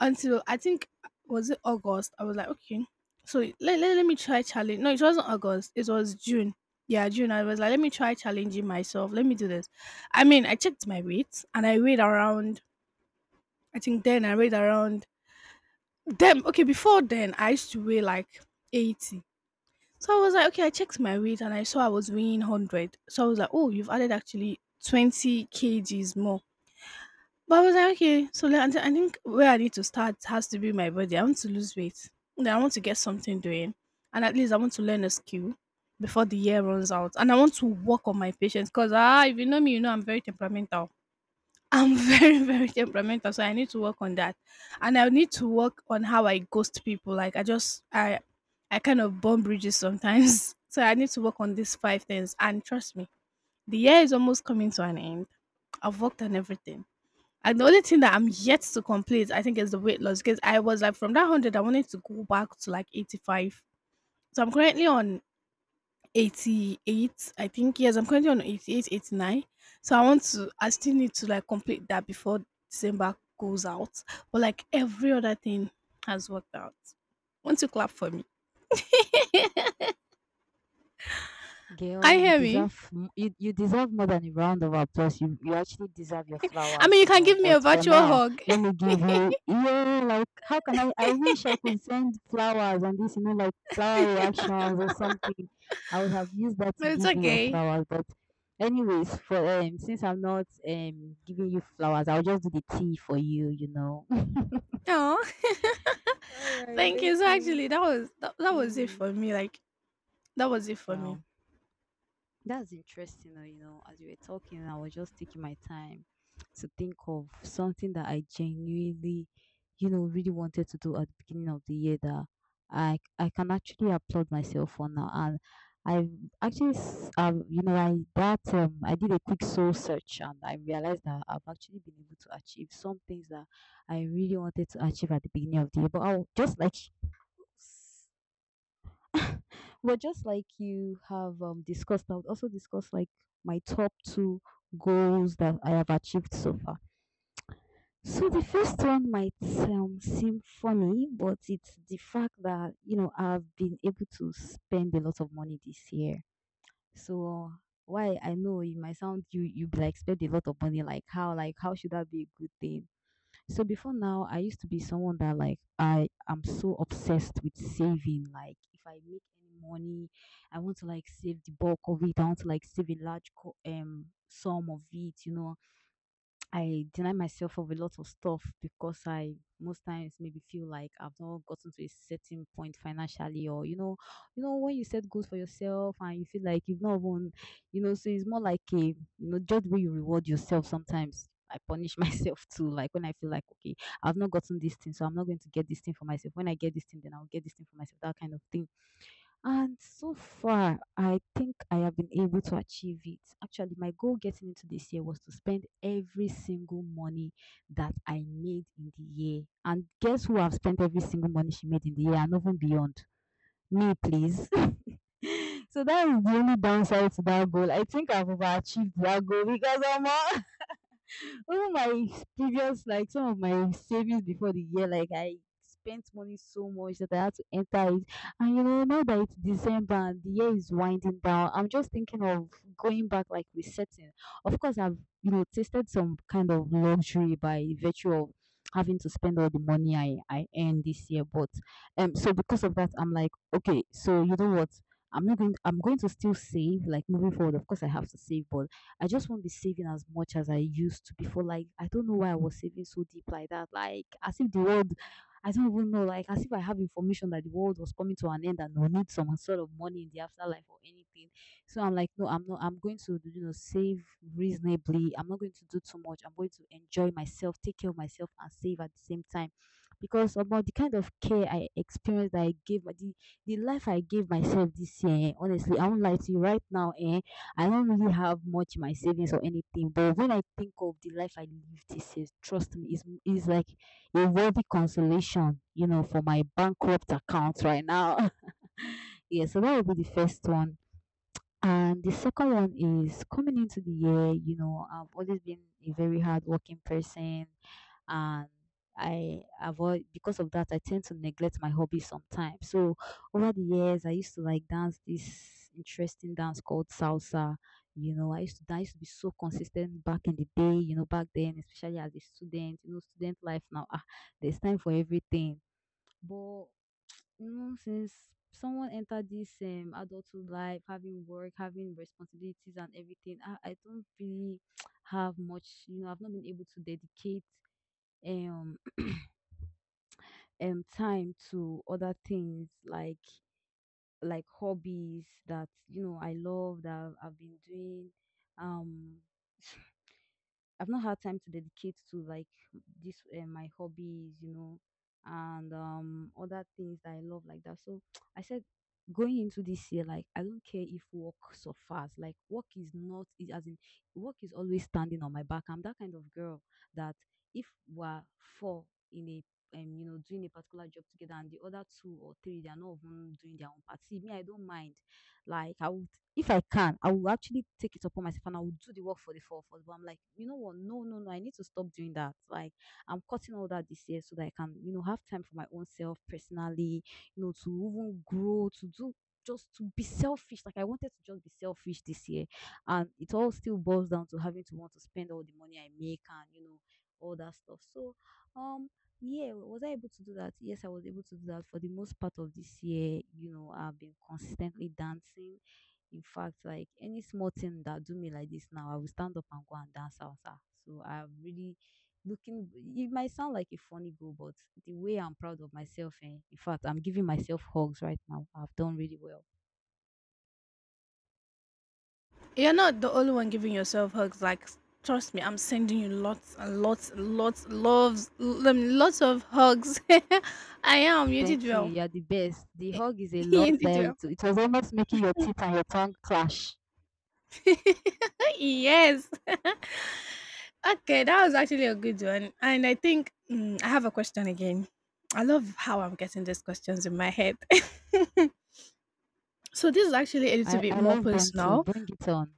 [SPEAKER 2] until I think, was it August? I was like, okay. So let me try challenge. No, it wasn't August. It was June. Yeah, June. I was like, let me try challenging myself. Let me do this. I mean, I checked my weight and I weighed around, I think then I weighed around them, okay, before then I used to weigh like 80. So I was like, okay, I checked my weight and I saw I was weighing 100. So I was like, oh, you've added actually 20 kgs more. But I was like, okay, so I think where I need to start has to be my body. I want to lose weight. Then I want to get something doing. And at least I want to learn a skill before the year runs out. And I want to work on my patience because, ah, if you know me, you know I'm very temperamental. I'm [laughs] very, very temperamental, so I need to work on that. And I need to work on how I ghost people. Like I just I kind of burn bridges sometimes. [laughs] So I need to work on these five things. And trust me, the year is almost coming to an end. I've worked on everything. And the only thing that I'm yet to complete, I think, is the weight loss. Because I was like, from that hundred, I wanted to go back to like 85. So I'm currently on 88, I think. Yes, I'm currently on 88, 89. So I still need to like complete that before December goes out. But like every other thing has worked out. Want not you clap for me?
[SPEAKER 1] Girl,
[SPEAKER 2] Can you
[SPEAKER 1] you
[SPEAKER 2] hear me?
[SPEAKER 1] deserve you deserve more than a round of applause. You actually deserve your
[SPEAKER 2] I mean
[SPEAKER 1] flowers,
[SPEAKER 2] you
[SPEAKER 1] you
[SPEAKER 2] can
[SPEAKER 1] know.
[SPEAKER 2] give me a
[SPEAKER 1] But for
[SPEAKER 2] virtual
[SPEAKER 1] now,
[SPEAKER 2] hug.
[SPEAKER 1] let me give you, yeah, like, how can I wish I could send flowers and this, like flower reactions or something. I would have used that
[SPEAKER 2] [laughs]
[SPEAKER 1] to
[SPEAKER 2] But it's
[SPEAKER 1] give you your
[SPEAKER 2] okay.
[SPEAKER 1] flowers. But anyways, for since I'm not giving you flowers, I'll just do the tea for you, you know. [laughs]
[SPEAKER 2] No.
[SPEAKER 1] All
[SPEAKER 2] [laughs]
[SPEAKER 1] right,
[SPEAKER 2] Thank you. So
[SPEAKER 1] okay.
[SPEAKER 2] actually that, that was it
[SPEAKER 1] Mm.
[SPEAKER 2] for me. Like that was it for me.
[SPEAKER 1] Wow. That's interesting, as you were talking, I was just taking my time to think of something that I genuinely, really wanted to do at the beginning of the year that I can actually applaud myself for now. And I actually, I did a quick soul search and I realized that I've actually been able to achieve some things that I really wanted to achieve at the beginning of the year. But I'll just like you. [laughs] Well, just like you have discussed, I would also discuss like my top two goals that I have achieved so far. So the first one might seem funny, but it's the fact that I've been able to spend a lot of money this year. So why I know it might sound, you be like, spend a lot of money, like how should that be a good thing? So before now, I used to be someone that like, I am so obsessed with saving. Like if I make any money, I want to, like, save the bulk of it. I want to, like, save a large sum of it. You know, I deny myself of a lot of stuff because I most times maybe feel like I've not gotten to a certain point financially, or when you set goals for yourself and you feel like you've not won, you know, so it's more like a, you know, judge where you reward yourself sometimes. I punish [laughs] myself too, like when I feel like, okay, I've not gotten this thing, so I'm not going to get this thing for myself. When I get this thing, then I'll get this thing for myself, that kind of thing. And so far, I think I have been able to achieve it. Actually, my goal getting into this year was to spend every single money that I made in the year. And guess who have spent every single money she made in the year and even beyond? Me, please. [laughs] So that is the only downside to that goal. I think I've overachieved that goal because I'm all, even my previous, like some of my savings before the year, like I spent money so much that I had to enter it. And you know, now that it's December and the year is winding down, I'm just thinking of going back, like resetting. Of course, I've, you know, tasted some kind of luxury by virtue of having to spend all the money I earned this year, but so because of that, I'm like, okay, so you know what? I'm not going. I'm going to still save, like moving forward. Of course, I have to save, but I just won't be saving as much as I used to before. Like, I don't know why I was saving so deep like that. Like, as if the world, I don't even know, like, as if I have information that the world was coming to an end and we need some sort of money in the afterlife or anything. So I'm like, no, I'm not, I'm going to, you know, save reasonably. I'm not going to do too much. I'm going to enjoy myself, take care of myself, and save at the same time. Because about the kind of care I experienced, that I gave, the life I gave myself this year, eh, honestly, I won't lie to you right now, eh? I don't really have much in my savings or anything, but when I think of the life I lived, it's a, trust me, it's like a worthy consolation, you know, for my bankrupt account right now. [laughs] Yeah, so that will be the first one. And the second one is coming into the year, you know, I've always been a very hardworking person, and I avoid, because of that I tend to neglect my hobby sometimes. So over the years I used to like dance this interesting dance called salsa. You know, I used to be so consistent back in the day, you know, back then, especially as a student, you know, student life now, ah, there's time for everything. But since someone entered this adulthood life, having work, having responsibilities and everything, I don't really [tsk] have much, you know, I've not been able to dedicate um [clears throat] time to other things like hobbies that you know I love that I've been doing um [laughs] I've not had time to dedicate to like this my hobbies, you know, and other things that I love like that. So [tsk] I said going into this year, like I don't care if work suffers. Like work is not is as in work is always standing on my back. I'm that kind of girl that if we're four in a, you know, doing a particular job together and the other two or three, they are not even doing their own part. See me, I don't mind. Like I will, if I can, I will actually take it upon myself and I will do the work for the four of us. But I'm like, you know what? No, no, no. I need to stop doing that. Like, I'm cutting all that this year so that I can, you know, have time for my own self personally, you know, to even grow, to do, just to be selfish. Like, I wanted to just be selfish this year. And it all still boils down to having to want to spend all the money I make and, you know, all that stuff. So, um, yeah, was I able to do that? Yes, I was able to do that for the most part of this year. You know, I've been consistently dancing. In fact, like any small thing that do me like this now, I will stand up and go and dance outside. So I'm really looking. It might sound like a funny goal, but the way I'm proud of myself, eh, in fact, I'm giving myself hugs right now. I've done really well.
[SPEAKER 2] You're not the only one giving yourself hugs. Like, trust me, I'm sending you lots and lots, and lots, loves, lots of hugs. [laughs] I am. You did
[SPEAKER 1] Thank you.
[SPEAKER 2] well.
[SPEAKER 1] You're the best. The hug is a
[SPEAKER 2] [laughs]
[SPEAKER 1] lot
[SPEAKER 2] You did
[SPEAKER 1] there.
[SPEAKER 2] well.
[SPEAKER 1] It was almost making your teeth and your tongue clash.
[SPEAKER 2] [laughs] Yes. [laughs] Okay, that was actually a good one. And I think, mm, I have a question again. I love how I'm getting these questions in my head. [laughs] So this is actually a little
[SPEAKER 1] I,
[SPEAKER 2] bit
[SPEAKER 1] I
[SPEAKER 2] more
[SPEAKER 1] love them too.
[SPEAKER 2] personal.
[SPEAKER 1] Bring it on.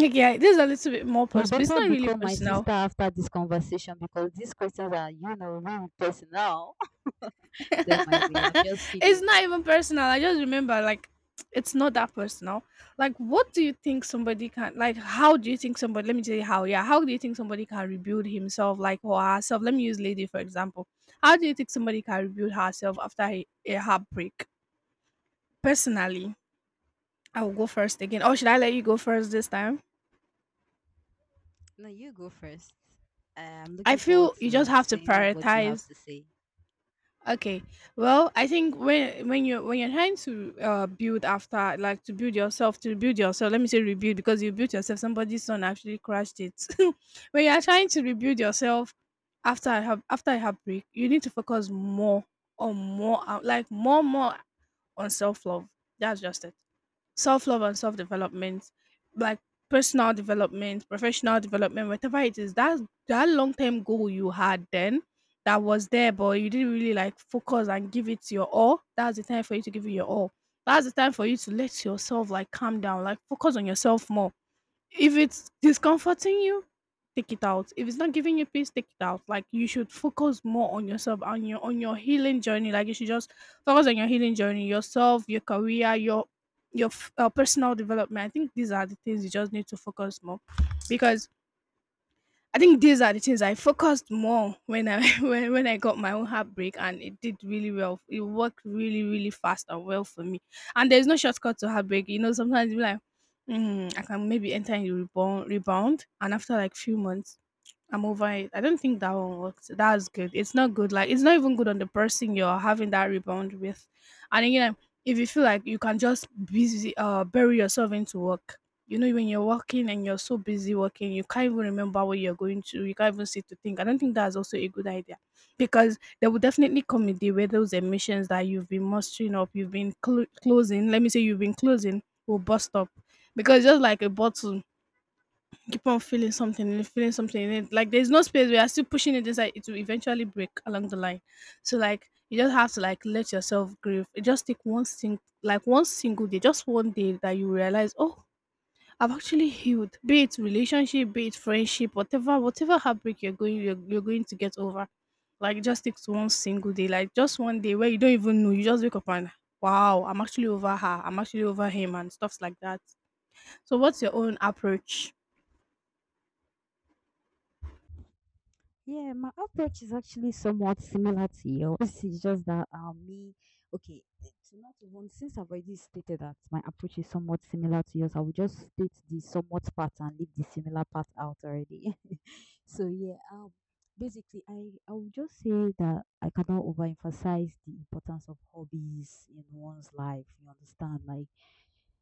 [SPEAKER 2] Okay, this is a little bit more
[SPEAKER 1] You
[SPEAKER 2] personal. It's
[SPEAKER 1] better
[SPEAKER 2] not really
[SPEAKER 1] become my
[SPEAKER 2] personal.
[SPEAKER 1] sister after this conversation because these questions are, you know, really personal.
[SPEAKER 2] [laughs]
[SPEAKER 1] [laughs] Don't mind me. I'm just
[SPEAKER 2] It's
[SPEAKER 1] kidding.
[SPEAKER 2] not even personal. I just remember, like, it's not that personal. Like, what do you think somebody can, like, how do you think somebody, let me tell you how, yeah, how do you think somebody can rebuild himself, like, or herself? Let me use lady, for example. How do you think somebody can rebuild herself after a heartbreak? Personally, I will go first again. Or should I let you go first this time?
[SPEAKER 1] No, you go first. I'm
[SPEAKER 2] I
[SPEAKER 1] looking forward
[SPEAKER 2] feel you just
[SPEAKER 1] to
[SPEAKER 2] have to
[SPEAKER 1] seeing what you have
[SPEAKER 2] prioritize.
[SPEAKER 1] to say.
[SPEAKER 2] Okay. Well, I think when when you're trying to build, after like to build yourself, to build yourself, let me say rebuild because you built yourself. Somebody's son actually crashed it. [laughs] When you are trying to rebuild yourself after I have after a heartbreak, you need to focus more on more like more on self love. That's just it, self love and self development, like personal development, professional development, whatever it is, that that long term goal you had then that was there, but you didn't really like focus and give it your all. That's the time for you to give it your all. That's the time for you to let yourself like calm down, like focus on yourself more. If it's discomforting you, take it out. If it's not giving you peace, take it out. Like you should focus more on yourself and your on your healing journey. Like you should just focus on your healing journey, yourself, your career, your personal development. I think these are the things you just need to focus more because I think these are the things I focused more when I [laughs] when I got my own heartbreak and it did really well. It worked really, really fast and well for me. And there's no shortcut to heartbreak. You know, sometimes you be like, mm, I can maybe enter in rebound, and after like few months I'm over it. I don't think that one worked. That's good. It's not good. Like it's not even good on the person you're having that rebound with. And again, if you feel like you can just busy bury yourself into work. You know, when you're working and you're so busy working, you can't even remember what you're going to. You can't even sit to think. I don't think that's also a good idea because there will definitely come a day where those emissions that you've been mustering up, you've been closing, let me say you've been closing, will bust up because just like a bottle, keep on feeling something and feeling something in it. Like there's no space. We are still pushing it inside. It will eventually break along the line. So like you just have to like let yourself grieve. It just take one thing, like one single day, just one day that you realize, oh, I've actually healed. Be it relationship, be it friendship, whatever, whatever heartbreak you're going, you're going to get over. Like it just takes one single day, like just one day where you don't even know. You just wake up and wow, I'm actually over her. I'm actually over him and stuffs like that. So what's your own approach?
[SPEAKER 1] Yeah, my approach is actually somewhat similar to yours. [laughs] It's just that me, okay, eh, to not even, since I've already stated that my approach is somewhat similar to yours, I will just state the somewhat part and leave the similar part out already. [laughs] So yeah, basically, I would just say that I cannot overemphasize the importance of hobbies in one's life. You understand? Like,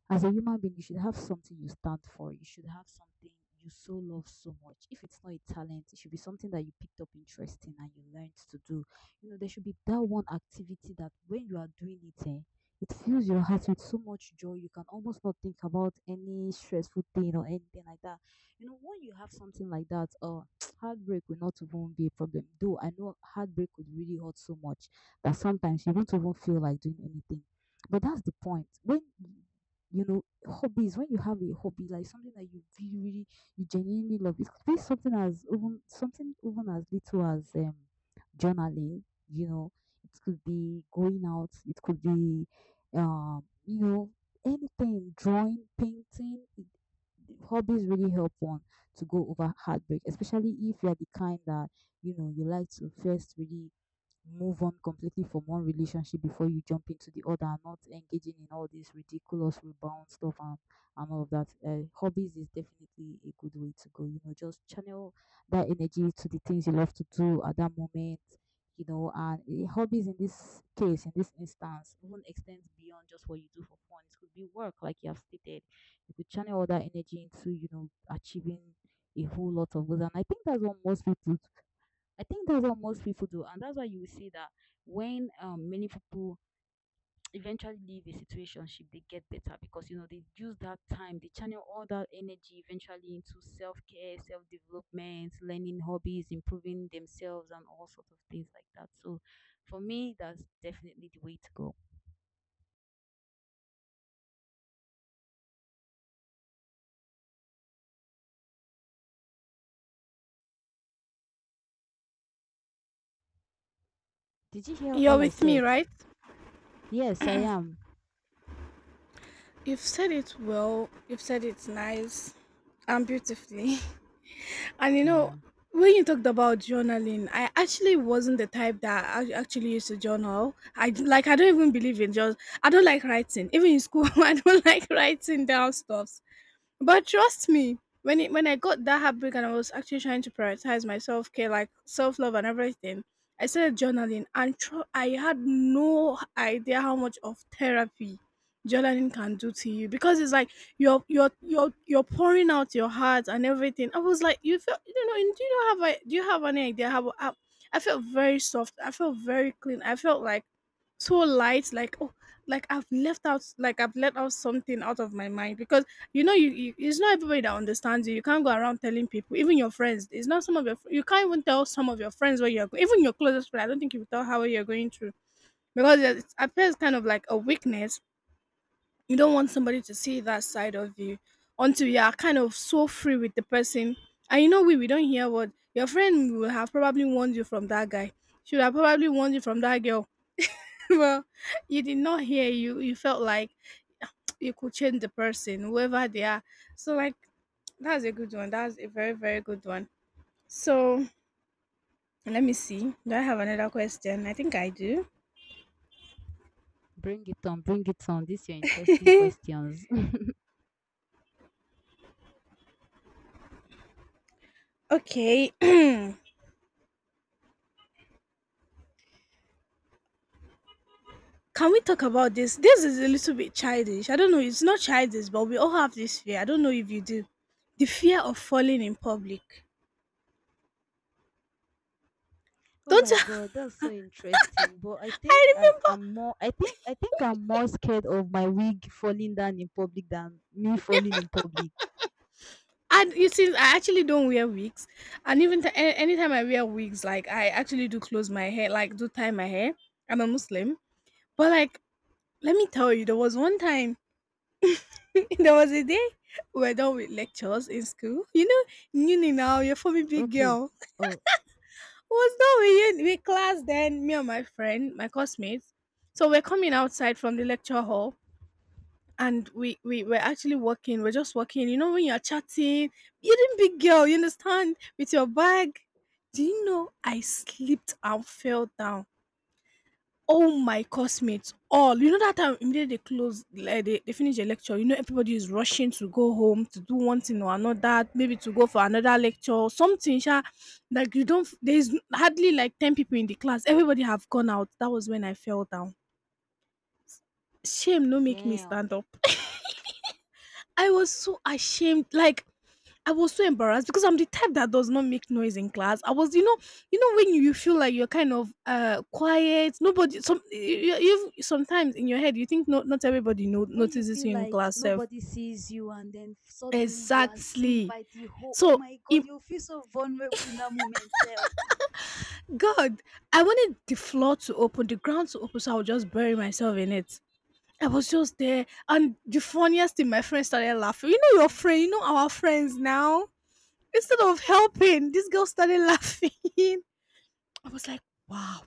[SPEAKER 1] as a human being, you should have something you stand for. You should have something you so love so much. If it's not a talent, it should be something that you picked up interest in and you learned to do. You know, there should be that one activity that when you are doing it, eh, it fills your heart with so much joy. You can almost not think about any stressful thing or anything like that. You know, when you have something like that, heartbreak will not even be a problem. Though I know heartbreak would really hurt so much that sometimes you don't even feel like doing anything. But that's the point. When you know hobbies, when you have a hobby, like something that you really, really, you genuinely love, it could be something as, even something even as little as journaling. You know, it could be going out. It could be, you know, anything, drawing, painting, hobbies really help one to go over heartbreak, especially if you're the kind that, you know, you like to first really move on completely from one relationship before you jump into the other, and not engaging in all this ridiculous rebound stuff and all of that. Hobbies is definitely a good way to go. You know, just channel that energy to the things you love to do at that moment. You know, and eh, hobbies, in this case, in this instance, even extends beyond just what you do for fun. It could be work, like you have stated, you could channel all that energy into, you know, achieving a whole lot of goals. And I think that's what most people, do. And that's why you will see that when, many people eventually leave a situation, they get better because, you know, they use that time, they channel all that energy eventually into self care, self development, learning hobbies, improving themselves, and all sorts of things like that. So for me, that's definitely the way to go. Did you hear
[SPEAKER 2] You're
[SPEAKER 1] all I
[SPEAKER 2] with me,
[SPEAKER 1] said?
[SPEAKER 2] right?
[SPEAKER 1] Yes, I am.
[SPEAKER 2] You've said it well, you've said it nice and beautifully. [laughs] And you
[SPEAKER 1] Yeah.
[SPEAKER 2] know, when you talked about journaling, I actually wasn't the type that I actually used to journal. I don't even believe in just, I don't like writing. Even in school, [laughs] I don't like writing down stuff. But trust me, when I got that heartbreak and I was actually trying to prioritize my self care, like self love and everything, I started journaling, and I had no idea how much of therapy journaling can do to you because it's like you're pouring out your heart and everything. I was like, you feel you don't know, do you not have a, do you have any idea how I felt very soft. I felt very clean. I felt like so light, like, oh, like I've left out like I've let out something out of my mind because you know you, it's not everybody that understands you. You can't go around telling people, even your friends. It's not some of your you can't even tell some of your friends what you're going, even your closest friend, I don't think you will tell how you're going through, because it appears kind of like a weakness. You don't want somebody to see that side of you until you are kind of so free with the person. And you know, we don't hear what your friend will have probably warned you, from that guy, should have probably warned you from that girl. [laughs] Well, you did not hear. You. You felt like [tsk] you could change the person, whoever they are. So like [tsk] that's a good one. That's a very, very good one. So let me see. Do I have another question? I think I do.
[SPEAKER 1] Bring it on, bring it on. These are interesting
[SPEAKER 2] [laughs]
[SPEAKER 1] questions. [laughs]
[SPEAKER 2] Okay. [clears throat] Can we talk about this? This is a little bit childish. I don't know. It's not childish, but we all have this fear. I don't know if you do. The fear of falling in public.
[SPEAKER 1] Oh
[SPEAKER 2] Don't
[SPEAKER 1] my
[SPEAKER 2] you?
[SPEAKER 1] god, that's so interesting. But I
[SPEAKER 2] [laughs]
[SPEAKER 1] think
[SPEAKER 2] I
[SPEAKER 1] I,
[SPEAKER 2] remember.
[SPEAKER 1] I'm more, I think I'm more scared of my wig falling down in public than me falling in public.
[SPEAKER 2] And you see, I actually don't wear wigs, and even anytime I wear wigs, like I actually do close my hair, like do tie my hair. I'm a Muslim, but like let me tell you, there was one time, [laughs] there was a day we're done with lectures in school. You know, uni, now you're for me big
[SPEAKER 1] Okay.
[SPEAKER 2] girl.
[SPEAKER 1] Oh,
[SPEAKER 2] [laughs] We was done with with class then. Me and my friend, my classmates, so we're coming outside from the lecture hall. And we were actually walking we're just walking you know, when you're chatting, you didn't, big girl, you understand, with your bag, do you know I slipped and fell down? All my classmates, all, you know, that time immediately they close, like they finish the lecture, you know, everybody is rushing to go home to do one thing or another, maybe to go for another lecture or something sha. Like you don't, there's hardly like 10 people in the class, everybody have gone out, that was when I fell down. Shame no make me
[SPEAKER 1] damn.
[SPEAKER 2] stand up. I was so ashamed. Like, I was so embarrassed because I'm the type that does not make noise in class. I was, you know when you feel like you're kind of quiet. Nobody. Some you, you sometimes in your head you think not everybody no,
[SPEAKER 1] When you
[SPEAKER 2] notices you
[SPEAKER 1] feel
[SPEAKER 2] in
[SPEAKER 1] like
[SPEAKER 2] class. Self
[SPEAKER 1] nobody sees you and then suddenly you are seen
[SPEAKER 2] exactly.
[SPEAKER 1] by the whole, oh
[SPEAKER 2] So.
[SPEAKER 1] my God,
[SPEAKER 2] im-
[SPEAKER 1] you feel so vulnerable in that moment. Self.
[SPEAKER 2] God, I wanted the floor to open, the ground to open, so I would just bury myself in it. I was just there, and the funniest thing, my friend started laughing. You know, your friend, you know, our friends now, instead of helping, this girl started laughing. [laughs] I was like, wow.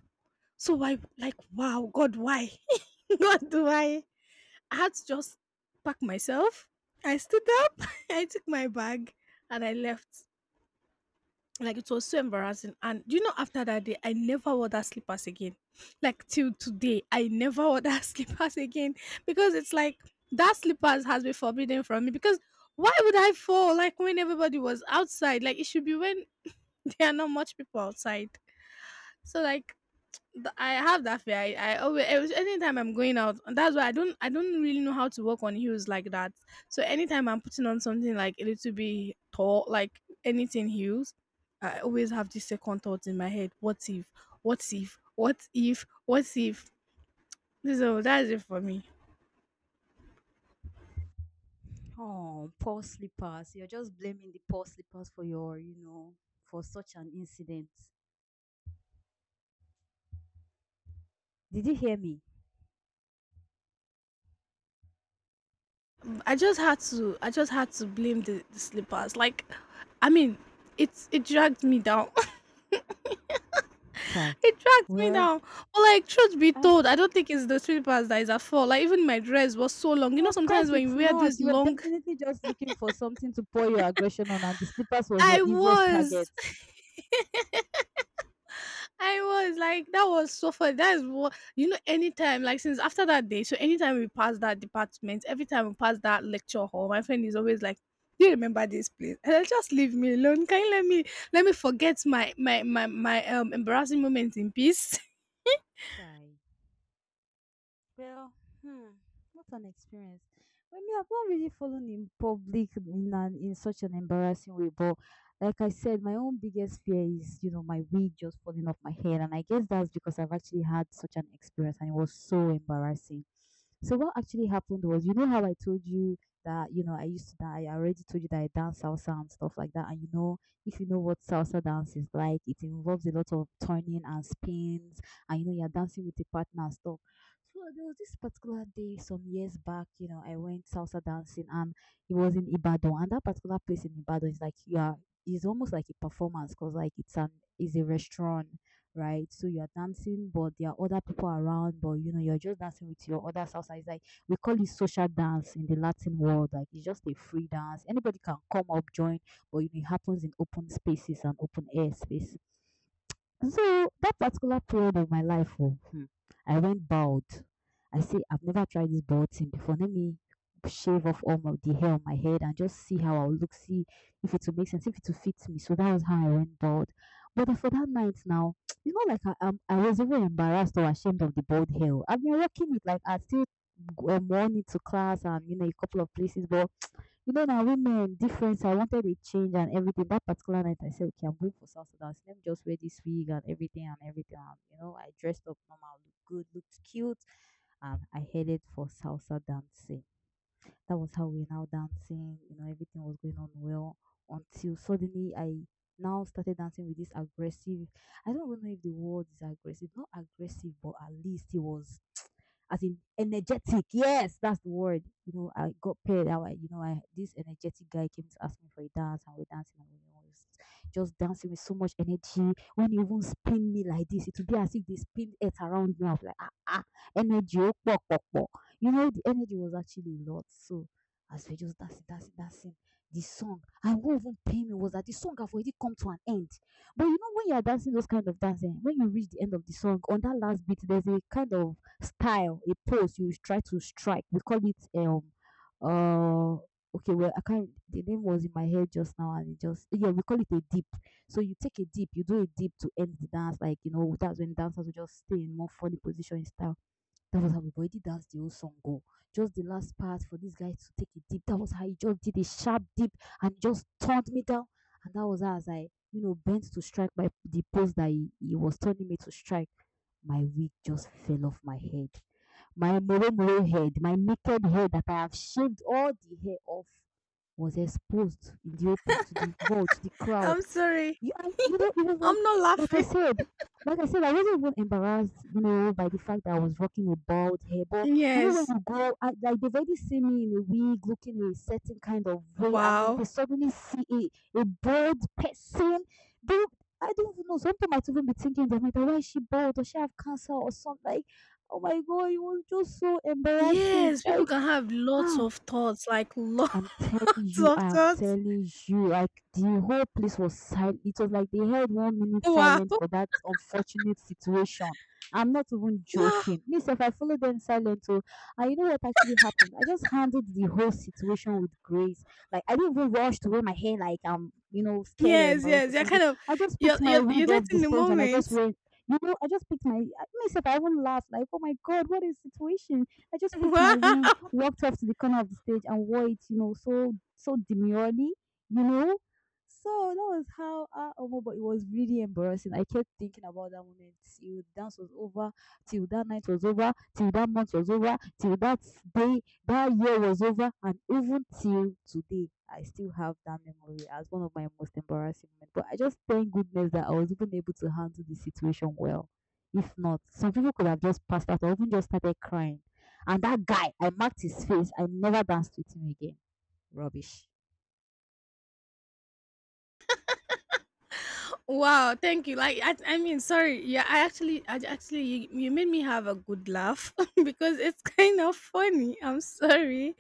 [SPEAKER 2] So why, like, wow, God, why? [laughs] God, do I? I had to just pack myself. I stood up, [laughs] I took my bag, and I left. Like it was so embarrassing. And do you know, after that day, I never wore that slippers again. Like till today, I never wore that [laughs] slippers again, because it's like that slippers has been forbidden from me. Because why would I fall like when everybody was outside? Like it should be when [laughs] there are not much people outside. So like I have that fear. I always anytime I'm going out, and that's why I don't really know how to walk on heels like that. So anytime I'm putting on something like a little bit tall, like anything heels, I always have this second thought in my head: what if? What if? What if? What if? So that's it for me.
[SPEAKER 1] Oh, poor slippers. You're just blaming the poor slippers for your, you know, for such an incident. Did you hear me?
[SPEAKER 2] I just had to blame the slippers. Like I mean, it's it dragged me down.
[SPEAKER 1] Chai.
[SPEAKER 2] It tracked me
[SPEAKER 1] Well,
[SPEAKER 2] down. But like, truth be
[SPEAKER 1] ah,
[SPEAKER 2] told, I don't think it's the slippers that is at fault. Like, even my dress was so long. You know,
[SPEAKER 1] of
[SPEAKER 2] sometimes
[SPEAKER 1] course
[SPEAKER 2] when you
[SPEAKER 1] it's
[SPEAKER 2] wear this
[SPEAKER 1] not. You were
[SPEAKER 2] long,
[SPEAKER 1] definitely just looking for something to pour your aggression on, and the slippers was your
[SPEAKER 2] I
[SPEAKER 1] easiest target.
[SPEAKER 2] was, [laughs] I was like, that was so funny. That is what you know. Anytime, like since after that day, so anytime we pass that department, every time we pass that lecture hall, my friend is always like, do you remember this place? And I just, leave me alone. Can you let me forget my embarrassing moments in peace?
[SPEAKER 1] Chai. Well, hmm, what an experience. Well, me, I've not really fallen in public in an, in such an embarrassing way, but like I said, my own biggest fear is, you know, my wig just falling off my head, and I guess that's because I've actually had such an experience, and it was so embarrassing. So what actually happened was, you know how I told you that, you know, I used to die. I already told you that I dance salsa and stuff like that. And if you know what salsa dance is like, it involves a lot of turning and spins, and you're dancing with a partner and stuff. So there was this particular day some years back, I went salsa dancing, and it was in Ibadan. And that particular place in Ibadan is like you are it's almost like a performance, because like it's an is a restaurant, right? So you are dancing, but there are other people around, but you're just dancing with your other salsa. It's like we call it social dance in the Latin world. Like it's just a free dance. Anybody can come up, join, but it happens in open spaces and open air space. So that particular period of my life, oh, I went bald. I say I've never tried this bald thing before. Let me shave off all of the hair on my head and just see how I'll look, see if it will make sense, if it will fit me. So that was how I went bald. But for that night now, [tsk] it's not like I was even embarrassed or ashamed of the bald hair. Oh, I've been rocking it. Like I still worn it to class, and a couple of places, but now women different. So I wanted a change and everything. That particular night I said, okay, I'm going for South Sudan. So let me just wear this wig and everything and everything. And, I dressed up normal, looked good, looked cute, and I headed for salsa dancing. That was how we now dancing. Everything was going on well until suddenly I now started dancing with this aggressive. I don't even know if the word is aggressive, not aggressive, but at least it was as in energetic. Yes, that's the word. I got paired out. I- You know, I this energetic guy came to ask me for a dance, and we're dancing, and we was just dancing with so much energy. When he even spin me like this, it would be as if they spin it around me. I was like, ah, ah, energy, oh, pok, pok, pok. The energy was actually a lot. So as we just dancing, dancing, dancing, the song, I won't even pay me was that the song have already come to an end. But when you are dancing those kind of dancing, when you reach the end of the song, on that last beat, there's a kind of style, a pose you try to strike. We call it uh okay, well, I can't, the name was in my head just now, and it just, yeah, we call it a dip. So you take a dip, you do a dip to end the dance, like that's when dancers will just stay in more funny position in style. That was how we already danced the whole song go. Just the last part for this guy to take it deep. That was how he just did a sharp dip and just turned me down. And that was as I, bent to strike my the pose that he was turning me to strike. My wig just fell off my head. My moro moro head, my naked head that I have shaved all the hair off was exposed in the open to the world, to the
[SPEAKER 2] [laughs]
[SPEAKER 1] crowd.
[SPEAKER 2] I'm sorry.
[SPEAKER 1] You, and it was like,
[SPEAKER 2] I'm not
[SPEAKER 1] like I
[SPEAKER 2] laughing.
[SPEAKER 1] said, like I said, I wasn't even embarrassed, by the fact that I was rocking a bald hair. But when
[SPEAKER 2] Yes.
[SPEAKER 1] you go, like they've already seen me in a wig, looking a certain kind of way, and then
[SPEAKER 2] Wow.
[SPEAKER 1] they suddenly see a bald person. They, I don't even know. Sometimes I even be thinking that, like, why is she bald? Does she have cancer or something? Like, oh my god, it was just so embarrassing.
[SPEAKER 2] Yes, people
[SPEAKER 1] Like,
[SPEAKER 2] can have lots
[SPEAKER 1] ah,
[SPEAKER 2] of thoughts, like [laughs]
[SPEAKER 1] I'm
[SPEAKER 2] lots
[SPEAKER 1] telling you,
[SPEAKER 2] of
[SPEAKER 1] I am
[SPEAKER 2] thoughts.
[SPEAKER 1] telling you, like the whole place was silent. It was like they held 1 minute
[SPEAKER 2] Wow.
[SPEAKER 1] silent
[SPEAKER 2] [laughs]
[SPEAKER 1] for that unfortunate situation. I'm not even
[SPEAKER 2] Wow.
[SPEAKER 1] joking. Miss, if I followed them silent, oh, and you know what actually happened? I just handled the whole situation with grace. Like I didn't even rush to wear my hair like I'm, scared or
[SPEAKER 2] Yes,
[SPEAKER 1] embarrassed
[SPEAKER 2] yes.
[SPEAKER 1] or
[SPEAKER 2] You're
[SPEAKER 1] something.
[SPEAKER 2] kind of
[SPEAKER 1] I just
[SPEAKER 2] you're
[SPEAKER 1] picked my
[SPEAKER 2] you're, you're
[SPEAKER 1] wig off the
[SPEAKER 2] letting the
[SPEAKER 1] stage, and I
[SPEAKER 2] moment.
[SPEAKER 1] just
[SPEAKER 2] [laughs]
[SPEAKER 1] went. I just picked my. Miss, if I even laughed, like, oh my god, what a situation. I just picked my wig,
[SPEAKER 2] Wow.
[SPEAKER 1] walked off to the corner of the stage, and wore it, so demurely, you know. So that was how oh, but it was really embarrassing. I kept thinking about that moment till the dance was over, till that night was over, till that month was over, till that day, that year was over, and even till today, I still have that memory as one of my most embarrassing moments. But I just thank goodness that I was even able to handle the situation well. If not, some people could have just passed out or even just started crying. And that guy, I marked his face. I never danced with him again. Rubbish.
[SPEAKER 2] Wow, thank you. Like sorry. Yeah, you, you made me have a good laugh [laughs] because it's kind of funny. I'm sorry,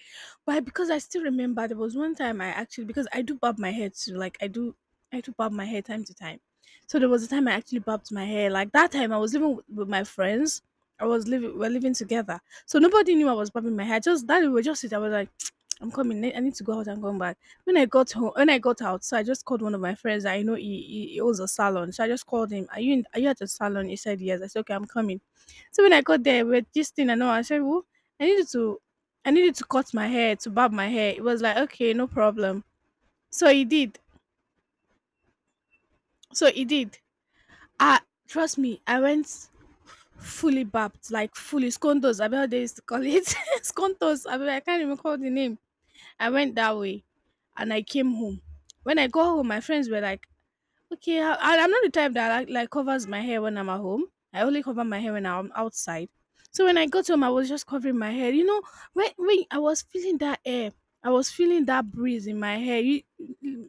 [SPEAKER 2] but because I still remember there was one time I actually, because I do bob my hair too. Like I do bob my hair time to time. So there was a time I actually bobbed my hair. Like that time I was living with my friends. I was living, we're living together. So nobody knew I was bobbing my hair. Just that we were just sitting. I was like, [tsk] I'm coming. I need to go out and come back. When I got home, when I got out, so I just called one of my friends. I know he owns a salon, so I just called him. Are you in, are you at the salon? He said yes. I said okay, I'm coming. So when I got there with this thing, I know I said, "Well, I needed to, I needed to cut my hair, to barb my hair." It was like okay, no problem. So he did. So he did. Ah, trust me, I went fully barbed, like fully scontos. I mean, how they used to call it [laughs] scontos. I mean, I can't even call the name. I went that way, and I came home. When I got home, my friends were like, okay, I'm not the type that like covers my hair when I'm at home. I only cover my hair when I'm outside. So when I got home, I was just covering my hair. You know, when I was feeling that air, I was feeling that breeze in my hair. You,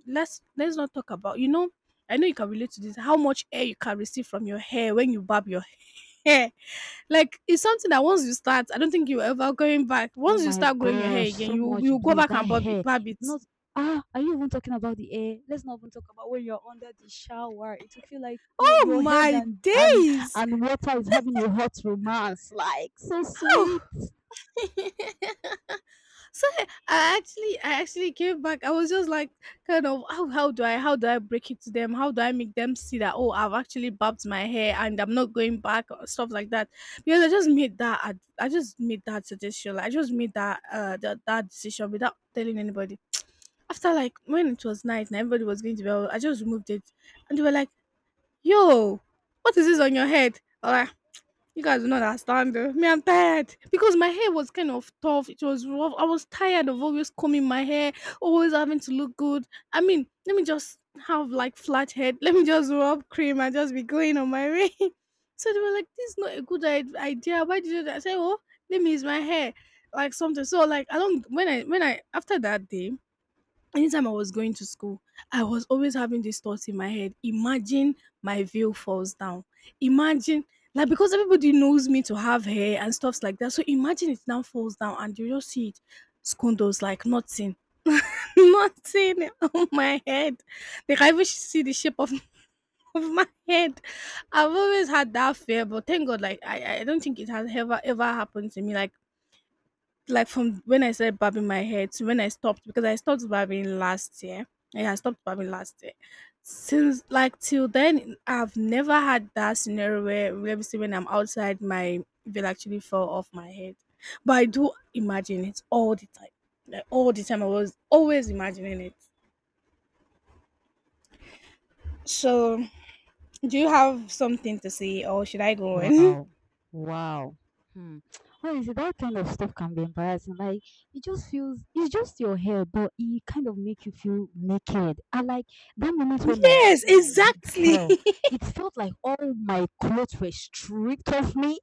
[SPEAKER 2] let's not talk about. You know, I know you can relate to this. How much air you can receive from your hair when you barb your [laughs] hair? Like it's something that once you start, I don't think you're ever going back.
[SPEAKER 1] Oh
[SPEAKER 2] Once you
[SPEAKER 1] my
[SPEAKER 2] start growing your hair
[SPEAKER 1] gosh,
[SPEAKER 2] again,
[SPEAKER 1] so
[SPEAKER 2] you
[SPEAKER 1] much
[SPEAKER 2] you go
[SPEAKER 1] bliss.
[SPEAKER 2] back
[SPEAKER 1] That
[SPEAKER 2] and barb it.
[SPEAKER 1] hair.
[SPEAKER 2] Barb it.
[SPEAKER 1] It's not, are you even talking about the hair? Let's not even talk about when you're under the shower. It will feel like you,
[SPEAKER 2] Oh
[SPEAKER 1] your head
[SPEAKER 2] my
[SPEAKER 1] and and
[SPEAKER 2] days!
[SPEAKER 1] and water is having a hot romance. Like so sweet.
[SPEAKER 2] Oh. [laughs] So I actually came back. I was just like, kind of, how, how do I break it to them? How do I make them see that, oh, I've actually bobbed my hair and I'm not going back or stuff like that? Because I just made that, I just made that suggestion. Like, I just made that, that, that decision without telling anybody. After like when it was night and everybody was going to bed, I just removed it, and they were like, "Yo, what is this on your head?" You guys do not understand, though. Me, I'm tired because my hair was kind of tough. It was rough. I was tired of always combing my hair, always having to look good. I mean, let me just have like flat head. Let me just rub cream and just be going on my way. [laughs] So they were like, "This is not a good idea. Why did you do that?" I said, "Oh, let me use my hair, like something." So like, I don't. When I after that day, anytime I was going to school, I was always having this thought in my head. Imagine my veil falls down. Imagine, like, because everybody knows me to have hair and stuffs like that. So imagine it now falls down and you just see it. Skundos, like nothing, [laughs] nothing on my head. They can even see the shape of, [laughs] of my head. I've always had that fear, but thank God, like I don't think it has ever ever happened to me. Like from when I started barbing my hair to when I stopped, because I stopped barbing last year. Yeah, I stopped barbing last year. Since like till then, I've never had that scenario where let me see when I'm outside, my veil actually fell off my head. But I do imagine it all the time. Like all the time, I was always imagining it. So, do you have something to say, or should I go on?
[SPEAKER 1] Wow. Wow. Hmm. Honestly, that kind of stuff can be embarrassing. Like it just feels, it's just your hair, but it kind of make you feel naked. I like that
[SPEAKER 2] [laughs]
[SPEAKER 1] moment when my
[SPEAKER 2] yes,
[SPEAKER 1] when my wig
[SPEAKER 2] exactly.
[SPEAKER 1] fell.
[SPEAKER 2] [laughs]
[SPEAKER 1] It felt like all my clothes were stripped off me.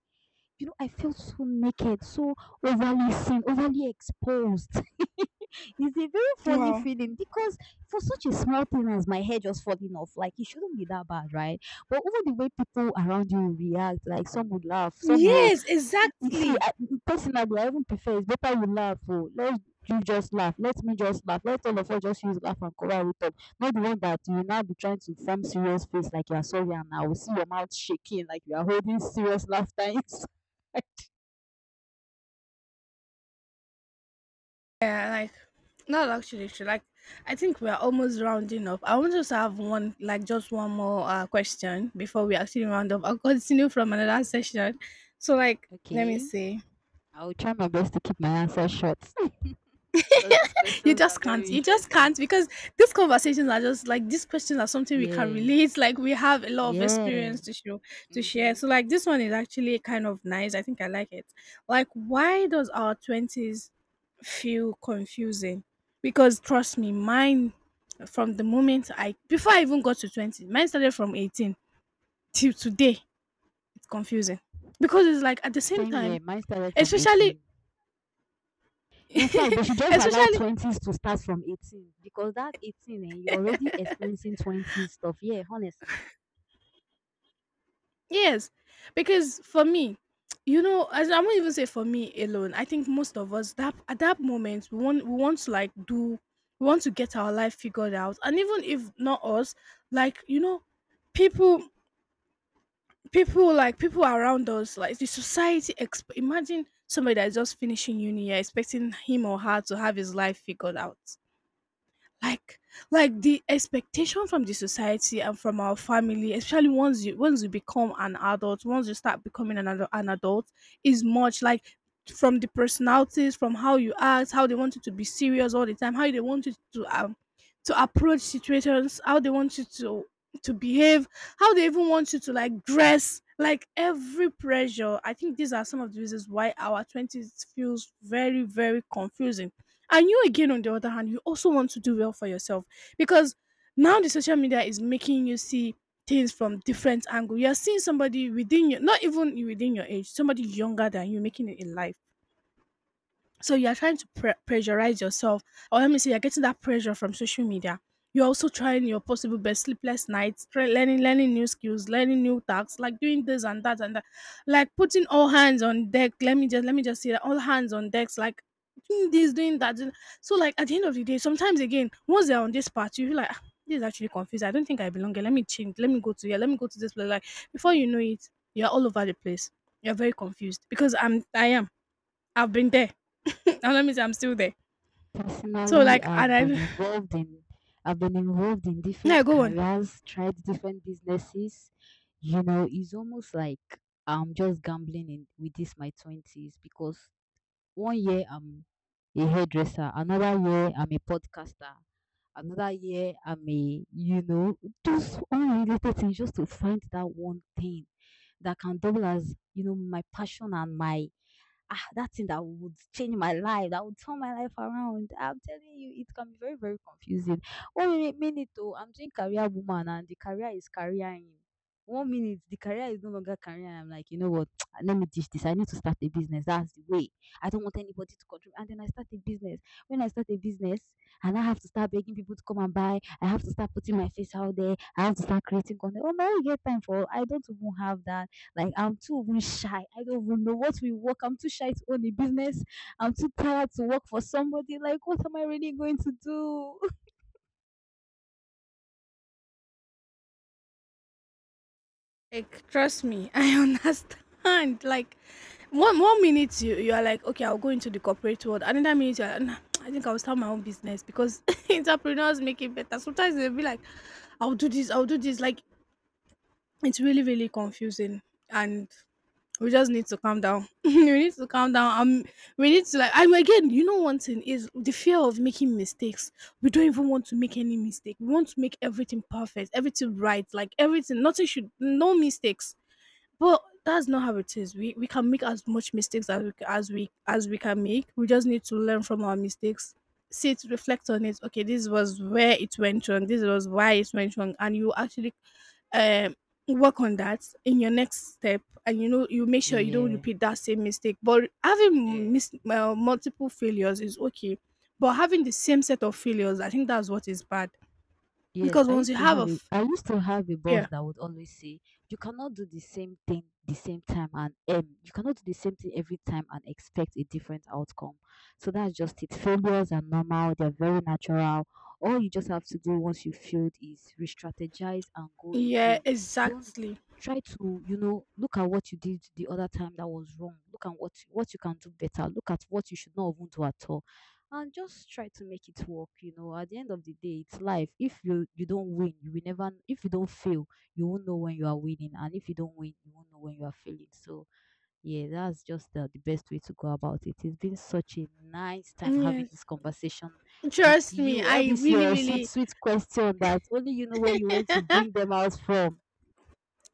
[SPEAKER 1] I felt so naked, so overly seen, overly exposed. [laughs] It's a very funny
[SPEAKER 2] Wow.
[SPEAKER 1] feeling, because for such a small thing as my hair just falling off, like it shouldn't be that bad, right? But over the way people around you react, like some would laugh, some will.
[SPEAKER 2] Yes,
[SPEAKER 1] You see,
[SPEAKER 2] exactly.
[SPEAKER 1] I, personally, I even prefer, it's better you laugh. Oh, let you just laugh. Let me just laugh. Let all of us just use laugh and cover it up. Not the one that you will now be trying to form serious face like you are sorry, and I will see your mouth shaking like you are holding serious laughter. [laughs]
[SPEAKER 2] Yeah, like not actually sure. Like I think we're almost rounding up. I want us to have one like just one more question before we actually round up. I'll continue from another session. So like let me
[SPEAKER 1] Okay,
[SPEAKER 2] see.
[SPEAKER 1] I'll try my best to keep my answer short [laughs] because these
[SPEAKER 2] You
[SPEAKER 1] questions are
[SPEAKER 2] just
[SPEAKER 1] very
[SPEAKER 2] can't. You just
[SPEAKER 1] interesting.
[SPEAKER 2] can't because these conversations are just like these questions are something we can
[SPEAKER 1] Yeah,
[SPEAKER 2] relate. Like we have a lot of
[SPEAKER 1] yeah.
[SPEAKER 2] experience to show, to share.
[SPEAKER 1] Mm-hmm.
[SPEAKER 2] So like this one is actually kind of nice. I think I like it. Like why does our twenties feel confusing? Because trust me, mine from the moment I before I even got to 20, mine started from 18 till today. It's confusing because it's like at the same
[SPEAKER 1] Same
[SPEAKER 2] time,
[SPEAKER 1] here. Mine started from
[SPEAKER 2] especially,
[SPEAKER 1] 18. In fact, they should just allow
[SPEAKER 2] especially,
[SPEAKER 1] 20s to start from 18, because that 18, eh, you're already experiencing 20s stuff. Yeah, honestly.
[SPEAKER 2] yes, because for me, you know, as I won't even say for me alone. I think most of us that at that moment we want to like do, we want to get our life figured out, and even if not us, like you know, people, people around us, like the society. Imagine somebody that's just finishing uni, you're expecting him or her to have his life figured out, like like the expectation from the society and from our family, especially once you become an adult, once you start becoming an, an adult, is much, like from the personalities, from how you act, how they want you to be serious all the time, how they want you to approach situations, how they want you to behave, how they even want you to like dress, like every pressure. I think these are some of the reasons why our 20s feels very very confusing. And you, again, on the other hand, you also want to do well for yourself because now the social media is making you see things from different angle. You're seeing somebody within your, not even within your age, somebody younger than you making it in life, so you are trying to pressurize yourself, or let me say, you're getting that pressure from social media. You're also trying your possible best, sleepless nights, try learning, learning new skills, learning new tasks, like doing this and that, like putting all hands on deck. Let me just say that, all hands on decks, like doing this, doing that, so like at the end of the day, sometimes again, once they're on this part, you feel like, "Ah, this is actually confusing. I don't think I belong here. Let me change. Let me go to here. Let me go to this place." Like before you know it, you're all over the place. You're very confused because I'm I am. I've been there. [laughs] and that means I'm still there. So
[SPEAKER 1] Personally,
[SPEAKER 2] like, and
[SPEAKER 1] I've been
[SPEAKER 2] I
[SPEAKER 1] involved in I've been involved in
[SPEAKER 2] [laughs] [sighs] now
[SPEAKER 1] different
[SPEAKER 2] go on.
[SPEAKER 1] careers, tried different businesses. It's almost like I'm just gambling in with this my 20s, because one year I'm a hairdresser, another year I'm a podcaster, another year I'm a, just unrelated things, just to find that one thing that can double as, my passion and that thing that would change my life, that would turn my life around. I'm telling you, it can be very, very confusing. One minute, I'm doing career woman, and the career is careering. One minute, the career is no longer career. I'm like, you know what? [tsk] Let me ditch this. I need to start a business. That's the way. I don't want anybody to control me. And then I start a business. When I start a business, and I have to start begging people to come and buy, I have to start putting my face out there, I have to start creating content. Oh my, get time for. I don't even have that. Like I'm too even shy. I don't even know what we work. I'm too shy to own a business. I'm too tired to work for somebody. Like what am I really going to do? [laughs]
[SPEAKER 2] Like, trust me, I [laughs] understand. Like, one minute you you are like, okay, I'll go into the corporate world. Another minute you're like, nah, I think I'll start my own business because [laughs] entrepreneurs make it better. Sometimes they'll be like, I'll do this, I'll do this. Like, it's really really confusing, and we just need to calm down. [laughs] we need to calm down. We need to like. And again, you know, one thing is the fear of making mistakes. We don't even want to make any mistake. We want to make everything perfect, everything right, like everything. Nothing should, no mistakes, but that's not how it is. We can make as much mistakes as we can make. We just need to learn from our mistakes. See it, reflect on it. Okay, this was where it went wrong. This was why it went wrong, and you actually um work on that in your next step, and you know, you make sure you don't
[SPEAKER 1] Yeah.
[SPEAKER 2] repeat that same mistake. But having
[SPEAKER 1] Yeah.
[SPEAKER 2] multiple failures is okay, but having the same set of failures, I think that's what is bad.
[SPEAKER 1] Yes,
[SPEAKER 2] Because
[SPEAKER 1] I
[SPEAKER 2] once you
[SPEAKER 1] used to
[SPEAKER 2] have a
[SPEAKER 1] have a I used to have a boss
[SPEAKER 2] yeah,
[SPEAKER 1] that would always say, "You cannot do the same thing the same time and you cannot do the same thing every time and expect a different outcome." So that's just it. Failures are normal; they're very natural. All you just have to do once you failed is re-strategize and go
[SPEAKER 2] yeah
[SPEAKER 1] again. Don't
[SPEAKER 2] exactly,
[SPEAKER 1] try to, look at what you did the other time that was wrong. Look at what you can do better. Look at what you should not even do at all, and just try to make it work, at the end of the day. It's life. If you don't win, you will never. If you don't fail, you won't know when you are winning, and if you don't win, you won't know when you are failing. So yeah, that's just the best way to go about it. It's been such a nice time having
[SPEAKER 2] yes.
[SPEAKER 1] this conversation with
[SPEAKER 2] Trust me,
[SPEAKER 1] you, all
[SPEAKER 2] I
[SPEAKER 1] this
[SPEAKER 2] really,
[SPEAKER 1] your sweet
[SPEAKER 2] really,
[SPEAKER 1] sweet question that only you know where you went to bring
[SPEAKER 2] [laughs]
[SPEAKER 1] them out from.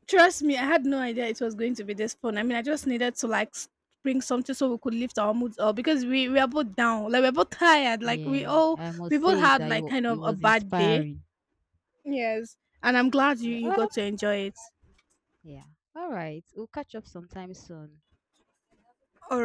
[SPEAKER 2] trust me, I had no idea it was going to be this fun. I mean, I just needed to like bring something so we could lift our moods up because we are both down, like we're both tired. Like we
[SPEAKER 1] Yeah,
[SPEAKER 2] all
[SPEAKER 1] I
[SPEAKER 2] we
[SPEAKER 1] must
[SPEAKER 2] both
[SPEAKER 1] say
[SPEAKER 2] had
[SPEAKER 1] that it,
[SPEAKER 2] like
[SPEAKER 1] wa-
[SPEAKER 2] kind
[SPEAKER 1] it
[SPEAKER 2] of a
[SPEAKER 1] was
[SPEAKER 2] bad day.
[SPEAKER 1] inspiring.
[SPEAKER 2] Yes, and I'm glad you
[SPEAKER 1] Yeah.
[SPEAKER 2] you
[SPEAKER 1] Oh
[SPEAKER 2] got to enjoy it.
[SPEAKER 1] yeah. All right, we'll catch up sometime soon
[SPEAKER 2] All